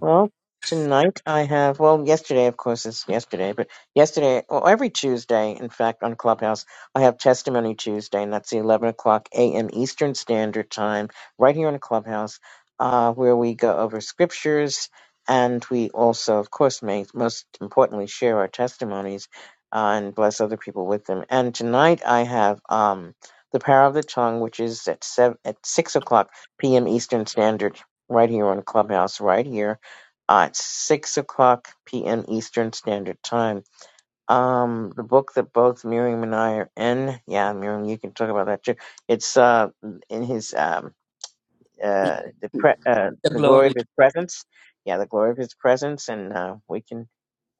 S2: Well, tonight I have, well, yesterday, of course, it's yesterday, but yesterday, well, every Tuesday, in fact, on Clubhouse, I have Testimony Tuesday, and that's the 11 o'clock a.m. Eastern Standard Time, right here on Clubhouse, uh, where we go over scriptures and we also, of course, may, most importantly, share our testimonies uh, and bless other people with them. And tonight I have, um, the power of the tongue, which is at seven, at six o'clock p.m. Eastern Standard, right here on Clubhouse, right here at six o'clock p.m. Eastern Standard Time. Um, the book that both Miriam and I are in, yeah, Miriam, you can talk about that too. It's uh in his um uh the pre- uh the glory
S3: glory.
S2: of his presence, yeah, the glory of his presence, and uh, we can.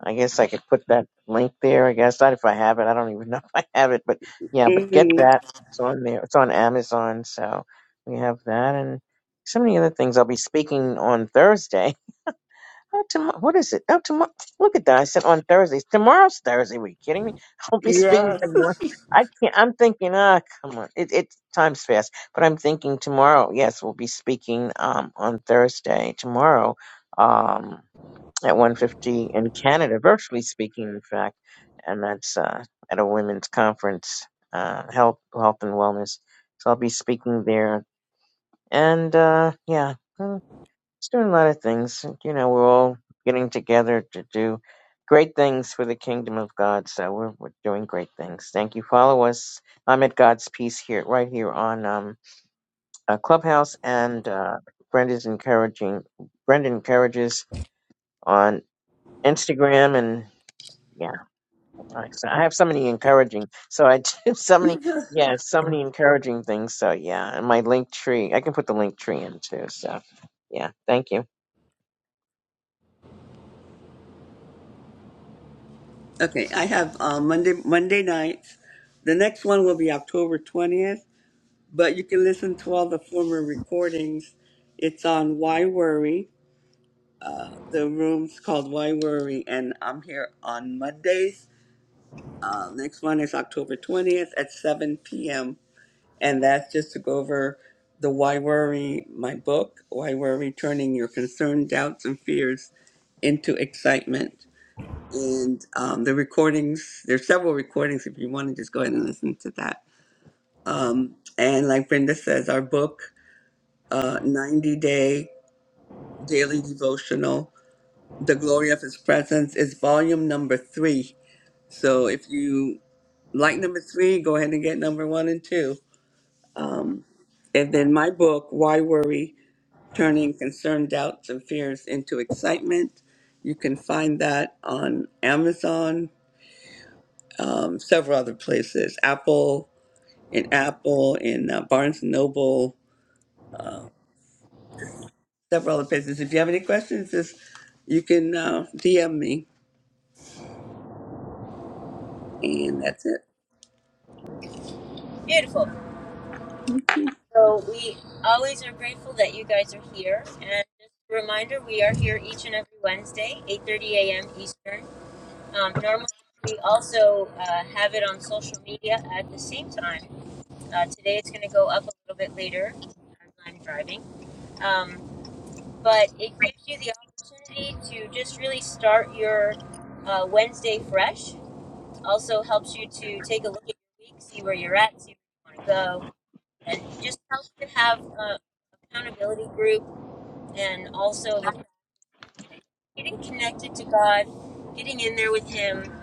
S2: I guess I could put that link there. I guess not if I have it. I don't even know if I have it, but yeah, but get
S3: hmm
S2: that. It's on there. It's on Amazon, so we have that and so many other things. I'll be speaking on Thursday Oh, tomorrow, what is it? Oh, tomorrow. Look at that. I said on Thursdays. Tomorrow's Thursday. Were you kidding me? I'll be speaking
S3: Yes.
S2: tomorrow. I can't. I'm thinking, ah, come on. It, it time's fast. But I'm thinking tomorrow. Yes, we'll be speaking um on Thursday tomorrow um at one fifty in Canada, virtually speaking, in fact, and that's uh at a women's conference, uh, health, health and wellness. So I'll be speaking there, and uh yeah. It's doing a lot of things. You know, we're all getting together to do great things for the kingdom of God. So we're, we're doing great things. Thank you. Follow us. I'm at God's Peace here, right here on um, uh, Clubhouse, and uh, Brenda's encouraging. Brenda encourages on Instagram, and yeah, I so I have so many encouraging. So I do so many, yeah, so many encouraging things. So yeah, and my link tree. I can put the link tree in too. So yeah, thank you.
S3: Okay, I have uh, Monday Monday nights. The next one will be October twentieth, but you can listen to all the former recordings. It's on Why Worry. Uh, the room's called Why Worry, and I'm here on Mondays Uh, next one is October 20th at 7 p.m. And that's just to go over the Why Worry, my book, Why Worry, Turning Your Concern, Doubts, and Fears into Excitement. And um, the recordings, there's several recordings if you want to just go ahead and listen to that. Um, and like Brenda says, our book, uh, 90 Day Daily Devotional, The Glory of His Presence, is volume number three. So if you like number three, go ahead and get number one and two. Um, and then my book, Why Worry? Turning Concern, Doubts, and Fears into Excitement. You can find that on Amazon, um, several other places, Apple, in Apple, in uh, Barnes& and Noble, several other places. If you have any questions, just you can uh, DM me, and that's it.
S1: beautiful. So we always are grateful that you guys are here. And just a reminder, we are here each and every Wednesday, 8.30 a.m. Eastern. Um, normally, we also uh, have it on social media at the same time. Uh, today, it's going to go up a little bit later as I'm driving. Um, but it gives you the opportunity to just really start your uh, Wednesday fresh. Also helps you to take a look at your week, see where you're at, see where you want to go and just helps to have a accountability group and also the getting connected to God, getting in there with Him,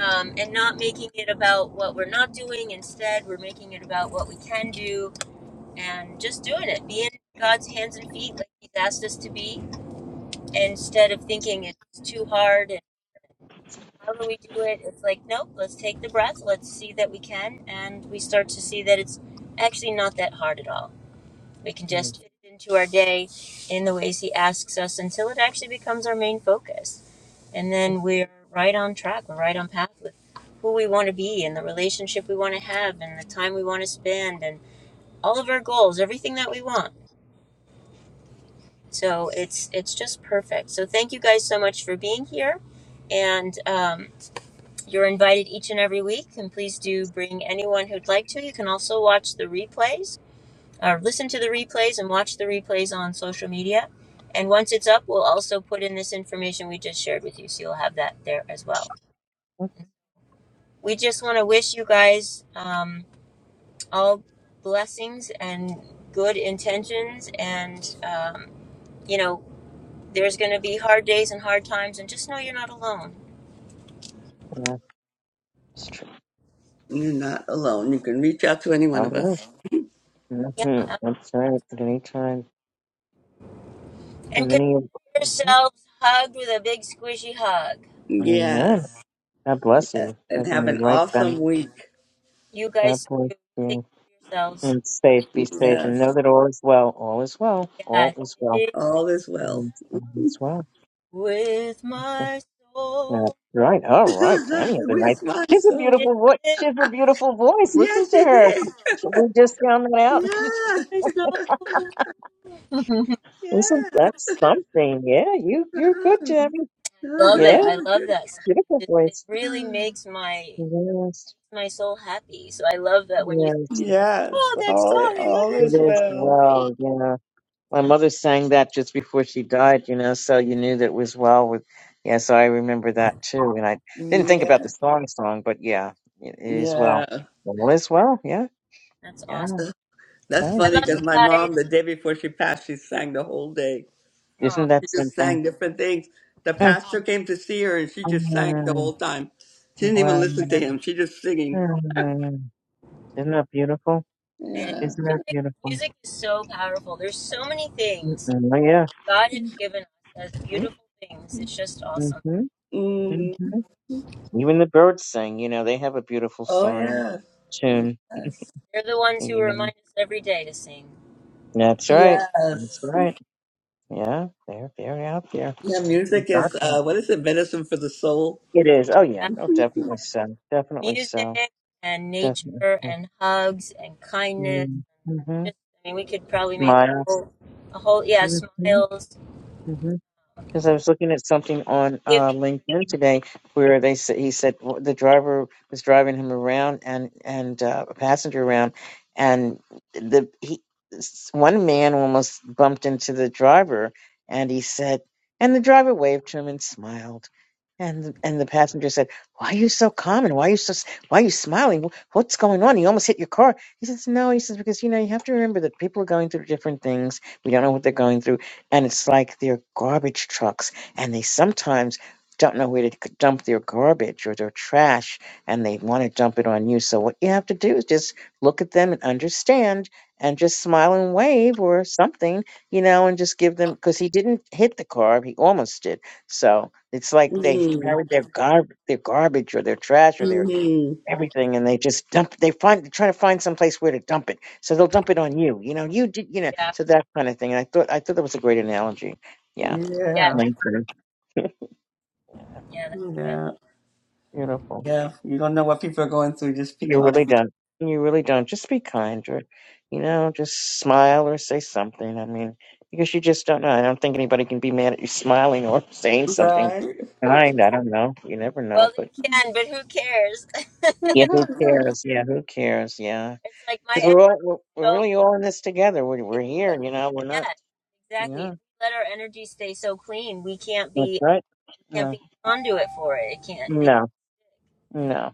S1: um, and not making it about what we're not doing. Instead, we're making it about what we can do and just doing it, being God's hands and feet like He's asked us to be, instead of thinking it's too hard and how do we do it? It's like, nope, let's take the breath, let's see that we can, and we start to see that it's actually not that hard at all. We can
S2: Mm,
S1: just fit it into our day in the ways He asks us until it actually becomes our main focus. And then we're right on track, we're right on path with who we want to be and the relationship we want to have and the time we want to spend and all of our goals, everything that we want. So it's it's just perfect. So thank you guys so much for being here, and um, you're invited each and every week. And please do bring anyone who'd like to. You can also watch the replays uh, listen to the replays and watch the replays on social media. And once it's up, we'll also put in this information we just shared with you. So you'll have that there as well. We just want to wish you guys um, all blessings and good intentions. And, um, you know, there's going to be hard days and hard times. And just know you're not alone.
S2: yeah.
S3: You're not alone. You can reach out to any
S2: I
S3: one of
S2: don't know.
S3: us.
S1: Yeah. um,
S2: Mm-hmm. I'm sorry at any time. Too
S1: And consider
S2: many. Of, Mhm.
S1: yourselves hugged with a big squishy hug.
S2: Amen.
S3: Yes,
S2: God bless
S3: yes.
S2: you.
S3: And
S2: Taking
S3: have
S2: you
S3: an
S2: right back.
S3: awesome week.
S1: You
S2: God
S1: guys,
S2: bless
S1: too. Take
S2: you.
S1: care of yourselves.
S2: And
S1: Talk to
S2: safe.
S1: you
S2: Be
S1: next
S2: safe. And
S3: Yes.
S2: know that all is well. All is well. All
S1: week.
S2: is well.
S1: Yes.
S3: All is well.
S2: All is all is well.
S1: with my soul.
S2: That's right. All right.
S3: Because that's
S2: Tammy
S3: the
S2: has a nice.
S3: response
S2: She's a
S3: song.
S2: beautiful voice. She has a beautiful voice. Listen
S3: Yes,
S2: to
S3: she
S2: her.
S3: did.
S2: We just found that out.
S3: Yeah,
S1: with my soul.
S2: Listen,
S3: yeah.
S2: that's something. Yeah, you you're good, Tammy.
S1: I love it.
S2: Yeah,
S1: I love that song.
S2: beautiful
S1: It, it
S2: voice.
S1: really
S3: Uh-huh.
S1: makes my
S2: Yes.
S1: my soul happy. So I love that when you
S2: Yes.
S1: said that, I was like,
S3: yes,
S1: oh, that
S3: all
S1: song. I love
S3: all
S2: It
S3: is
S1: that song.
S2: is
S3: well.
S2: well, you know. My mother sang that just before she died, you know, so you knew that it was well with yeah, so I remember that too. And I didn't think
S3: Yeah,
S2: about the song song, but yeah, it is
S3: yeah.
S2: well. Well is well, yeah,
S1: That's
S2: yeah,
S1: awesome.
S3: That's
S2: right.
S1: I
S3: funny
S1: love
S2: Yeah.
S3: because
S1: you
S3: my mom,
S1: guys.
S3: the day before she passed, she sang the whole day.
S1: Oh,
S2: Isn't
S3: She
S2: that
S3: just
S2: something?
S3: sang different things. The pastor came to see her, and she just sang the
S2: Mm, mm,
S3: whole time. She didn't even
S2: Well,
S3: listen to him. She just singing.
S2: mm, isn't that beautiful?
S1: it is.
S3: Yeah.
S2: Isn't that
S1: Music,
S2: beautiful?
S1: music is so powerful. There's so many things
S2: Mm-mm, oh, yeah.
S1: God has given us as beautiful things. It's just awesome.
S2: Mm-hmm,
S3: hmm
S2: hmm Even the birds sing, you know, they have a beautiful
S3: Oh
S2: song and
S3: yes.
S2: tune.
S3: Yes.
S1: They're the ones who
S2: yeah.
S1: remind us every day to sing.
S2: That's right. That's
S3: Yes.
S2: right. Yeah, they're very out there.
S3: Yeah,
S2: So,
S3: music is
S2: doctor.
S3: uh, what is it? Medicine for the soul.
S2: It is. Oh yeah. Oh,
S3: hmm
S2: definitely so. Definitely
S1: music
S2: so.
S1: and
S2: Definitely
S1: nature
S2: so.
S1: and hugs and kindness
S2: Mm-hmm.
S1: and just I mean we could probably make a
S2: Miles.
S1: whole a whole yeah
S2: Mm-hmm.
S1: smiles
S2: Because I was looking at something on uh,
S1: giving
S2: LinkedIn today
S1: receiving
S2: where they said he said w- the driver was driving him around and and uh, a passenger around, and the he s- one man almost bumped into the driver, and he said, and the driver waved to him and smiled, and the- and the passenger said, "Why are you so calm and why are you so s- why are you smiling? Wh- What's going on? You almost hit your car." He says, "No," he says, "because you know you have to remember that people are going through different things. We don't know what they're going through." and it's like they're garbage trucks and they sometimes don't know where to c- dump their garbage or their trash and they want to dump it on you so what you have to do is just look at them and understand and just smile and wave or something you know and just give them because he didn't hit the car he almost did so it's like they carried their gar- their garbage or their trash or their
S3: hmm
S2: everything and they just dump they find they're trying to find someplace where to dump it so they'll dump it on you you know you did you know
S1: yeah
S2: so that kind of thing and i thought i thought that was a great analogy yeah
S1: yeah
S3: Yeah,
S2: Link Road. yeah
S1: yeah that's good
S3: yeah,
S2: beautiful
S3: yeah. You don't know what people are going through. Just be
S2: you really
S3: kind,
S2: don't you really don't just be kind or you know just smile or say something i mean because you just don't know i don't think anybody can be mad at you smiling or saying something
S3: right?
S2: kind i don't know you never
S1: well
S2: know but
S1: they can but who cares
S2: yeah who cares yeah who cares yeah
S1: it's like my
S2: Because we're, all-
S1: energy
S2: we're
S1: is
S2: we're
S1: so
S2: really all in this together. We're
S1: if
S2: we're
S1: we let,
S2: here, you know. We're not.
S1: yes exactly
S2: Yeah,
S1: if we let our energy stay so clean we can't
S2: that's
S1: be
S2: right.
S1: we can't
S2: No,
S1: be a conduit for it it can't it,
S2: no, no.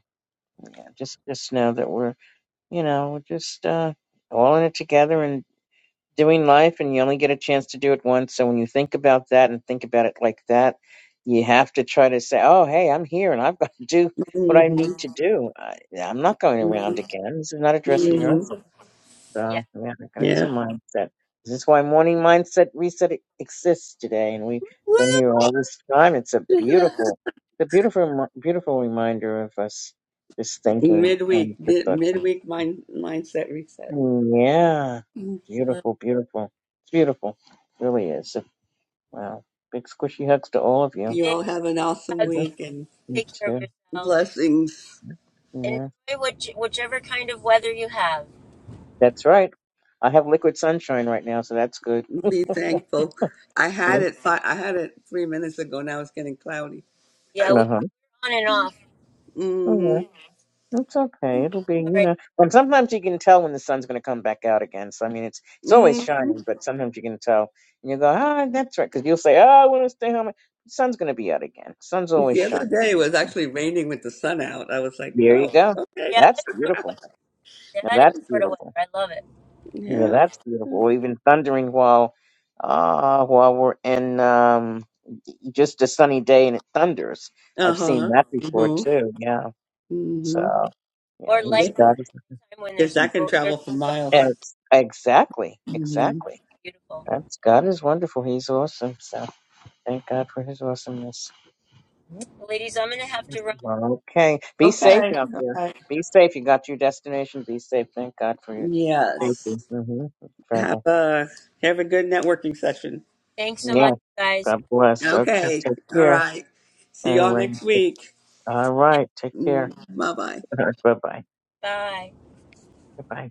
S2: Yeah, just just know that we're you know we're just uh, all in it together and doing life, and you only get a chance to do it once. So when you think about that and think about it like that, you have to try to say, "Oh, hey, I'm here, and I've got to do what
S3: hmm
S2: I need to do. I, I'm not going around
S3: hmm
S2: again. This is not a dress
S3: hmm
S2: rehearsal."
S1: yeah
S2: So yeah, and it's a
S3: Yeah.
S2: mindset. This is why morning mindset reset e- exists today, and we've
S1: Woo!
S2: been here all this time. It's a beautiful, it's a beautiful, remi- beautiful reminder of us just thinking on
S3: midweek,
S2: the
S3: mid-
S2: thoughts.
S3: midweek mind mindset reset.
S2: Yeah,
S3: You
S2: beautiful, beautiful. It's beautiful, It really is. Wow, big squishy hugs to all of you.
S1: big
S3: all have an awesome
S1: hugs
S3: week and
S2: Me
S1: take care of
S2: too.
S1: yourselves
S3: blessings.
S1: Enjoy
S2: Yeah,
S1: which, whichever kind of weather you have.
S2: that's right. I have liquid sunshine right now, so that's good.
S3: Be thankful. I had it. Fi- I had it three minutes ago. Now it's getting cloudy.
S1: Yeah, we're
S2: Uh
S1: on and off.
S2: huh.
S3: hmm
S2: It's okay. It'll be,
S1: All
S2: you
S1: right.
S2: know. And sometimes you can tell when the sun's going to come back out again. So I mean, it's it's always
S3: hmm
S2: shining, but sometimes you can tell, and you go, ah, that's right, because you'll say, oh, I want to stay home. The sun's going to be out again. sun's always
S3: The other
S2: shining.
S3: day it was
S2: Yeah.
S3: actually raining with the sun out. I was like,
S2: There you
S3: oh,
S2: go.
S3: okay.
S1: Yeah,
S2: That's
S1: that's Florida
S2: beautiful.
S1: weather.
S2: Now
S1: That is
S2: that's
S1: Florida weather.
S2: beautiful.
S1: I love it.
S2: Yeah,
S3: Yeah.
S2: that's beautiful. Or even thundering while, uh, while we're in um, just a sunny day and it thunders.
S3: Uh
S2: I've seen
S3: huh.
S2: that
S3: Mm
S2: before
S3: hmm.
S2: too. Yeah.
S3: Mm
S2: So
S3: hmm.
S2: yeah,
S1: Or
S2: he's
S1: lightning
S2: got
S3: Because
S2: it.
S1: time when there's
S3: that can
S1: no there's
S3: travel for
S1: no thunder.
S3: miles.
S2: Ex- exactly,
S1: Yeah,
S3: Mm-hmm.
S2: exactly.
S1: it's beautiful.
S2: That's God is wonderful. He's awesome. So thank God for His awesomeness. Yep.
S1: Well, ladies, I'm gonna have to
S2: Yes,
S1: run.
S2: Okay, be safe
S3: Okay. Okay.
S2: out there. Be safe. You got to your destination. Be safe. Thank God for your
S3: Yes.
S2: safety. Mm-hmm.
S3: Have
S2: Travel.
S3: a have a good networking session.
S1: Thanks so
S2: Yeah.
S1: much, guys.
S2: God bless. Okay.
S3: Okay.
S2: Take
S3: All
S2: care.
S3: right. See
S2: All
S3: y'all
S2: right.
S3: next week.
S1: See
S2: All
S1: you next.
S2: right. Take care.
S3: Bye bye.
S2: Bye bye. Bye
S1: Bye.
S2: bye.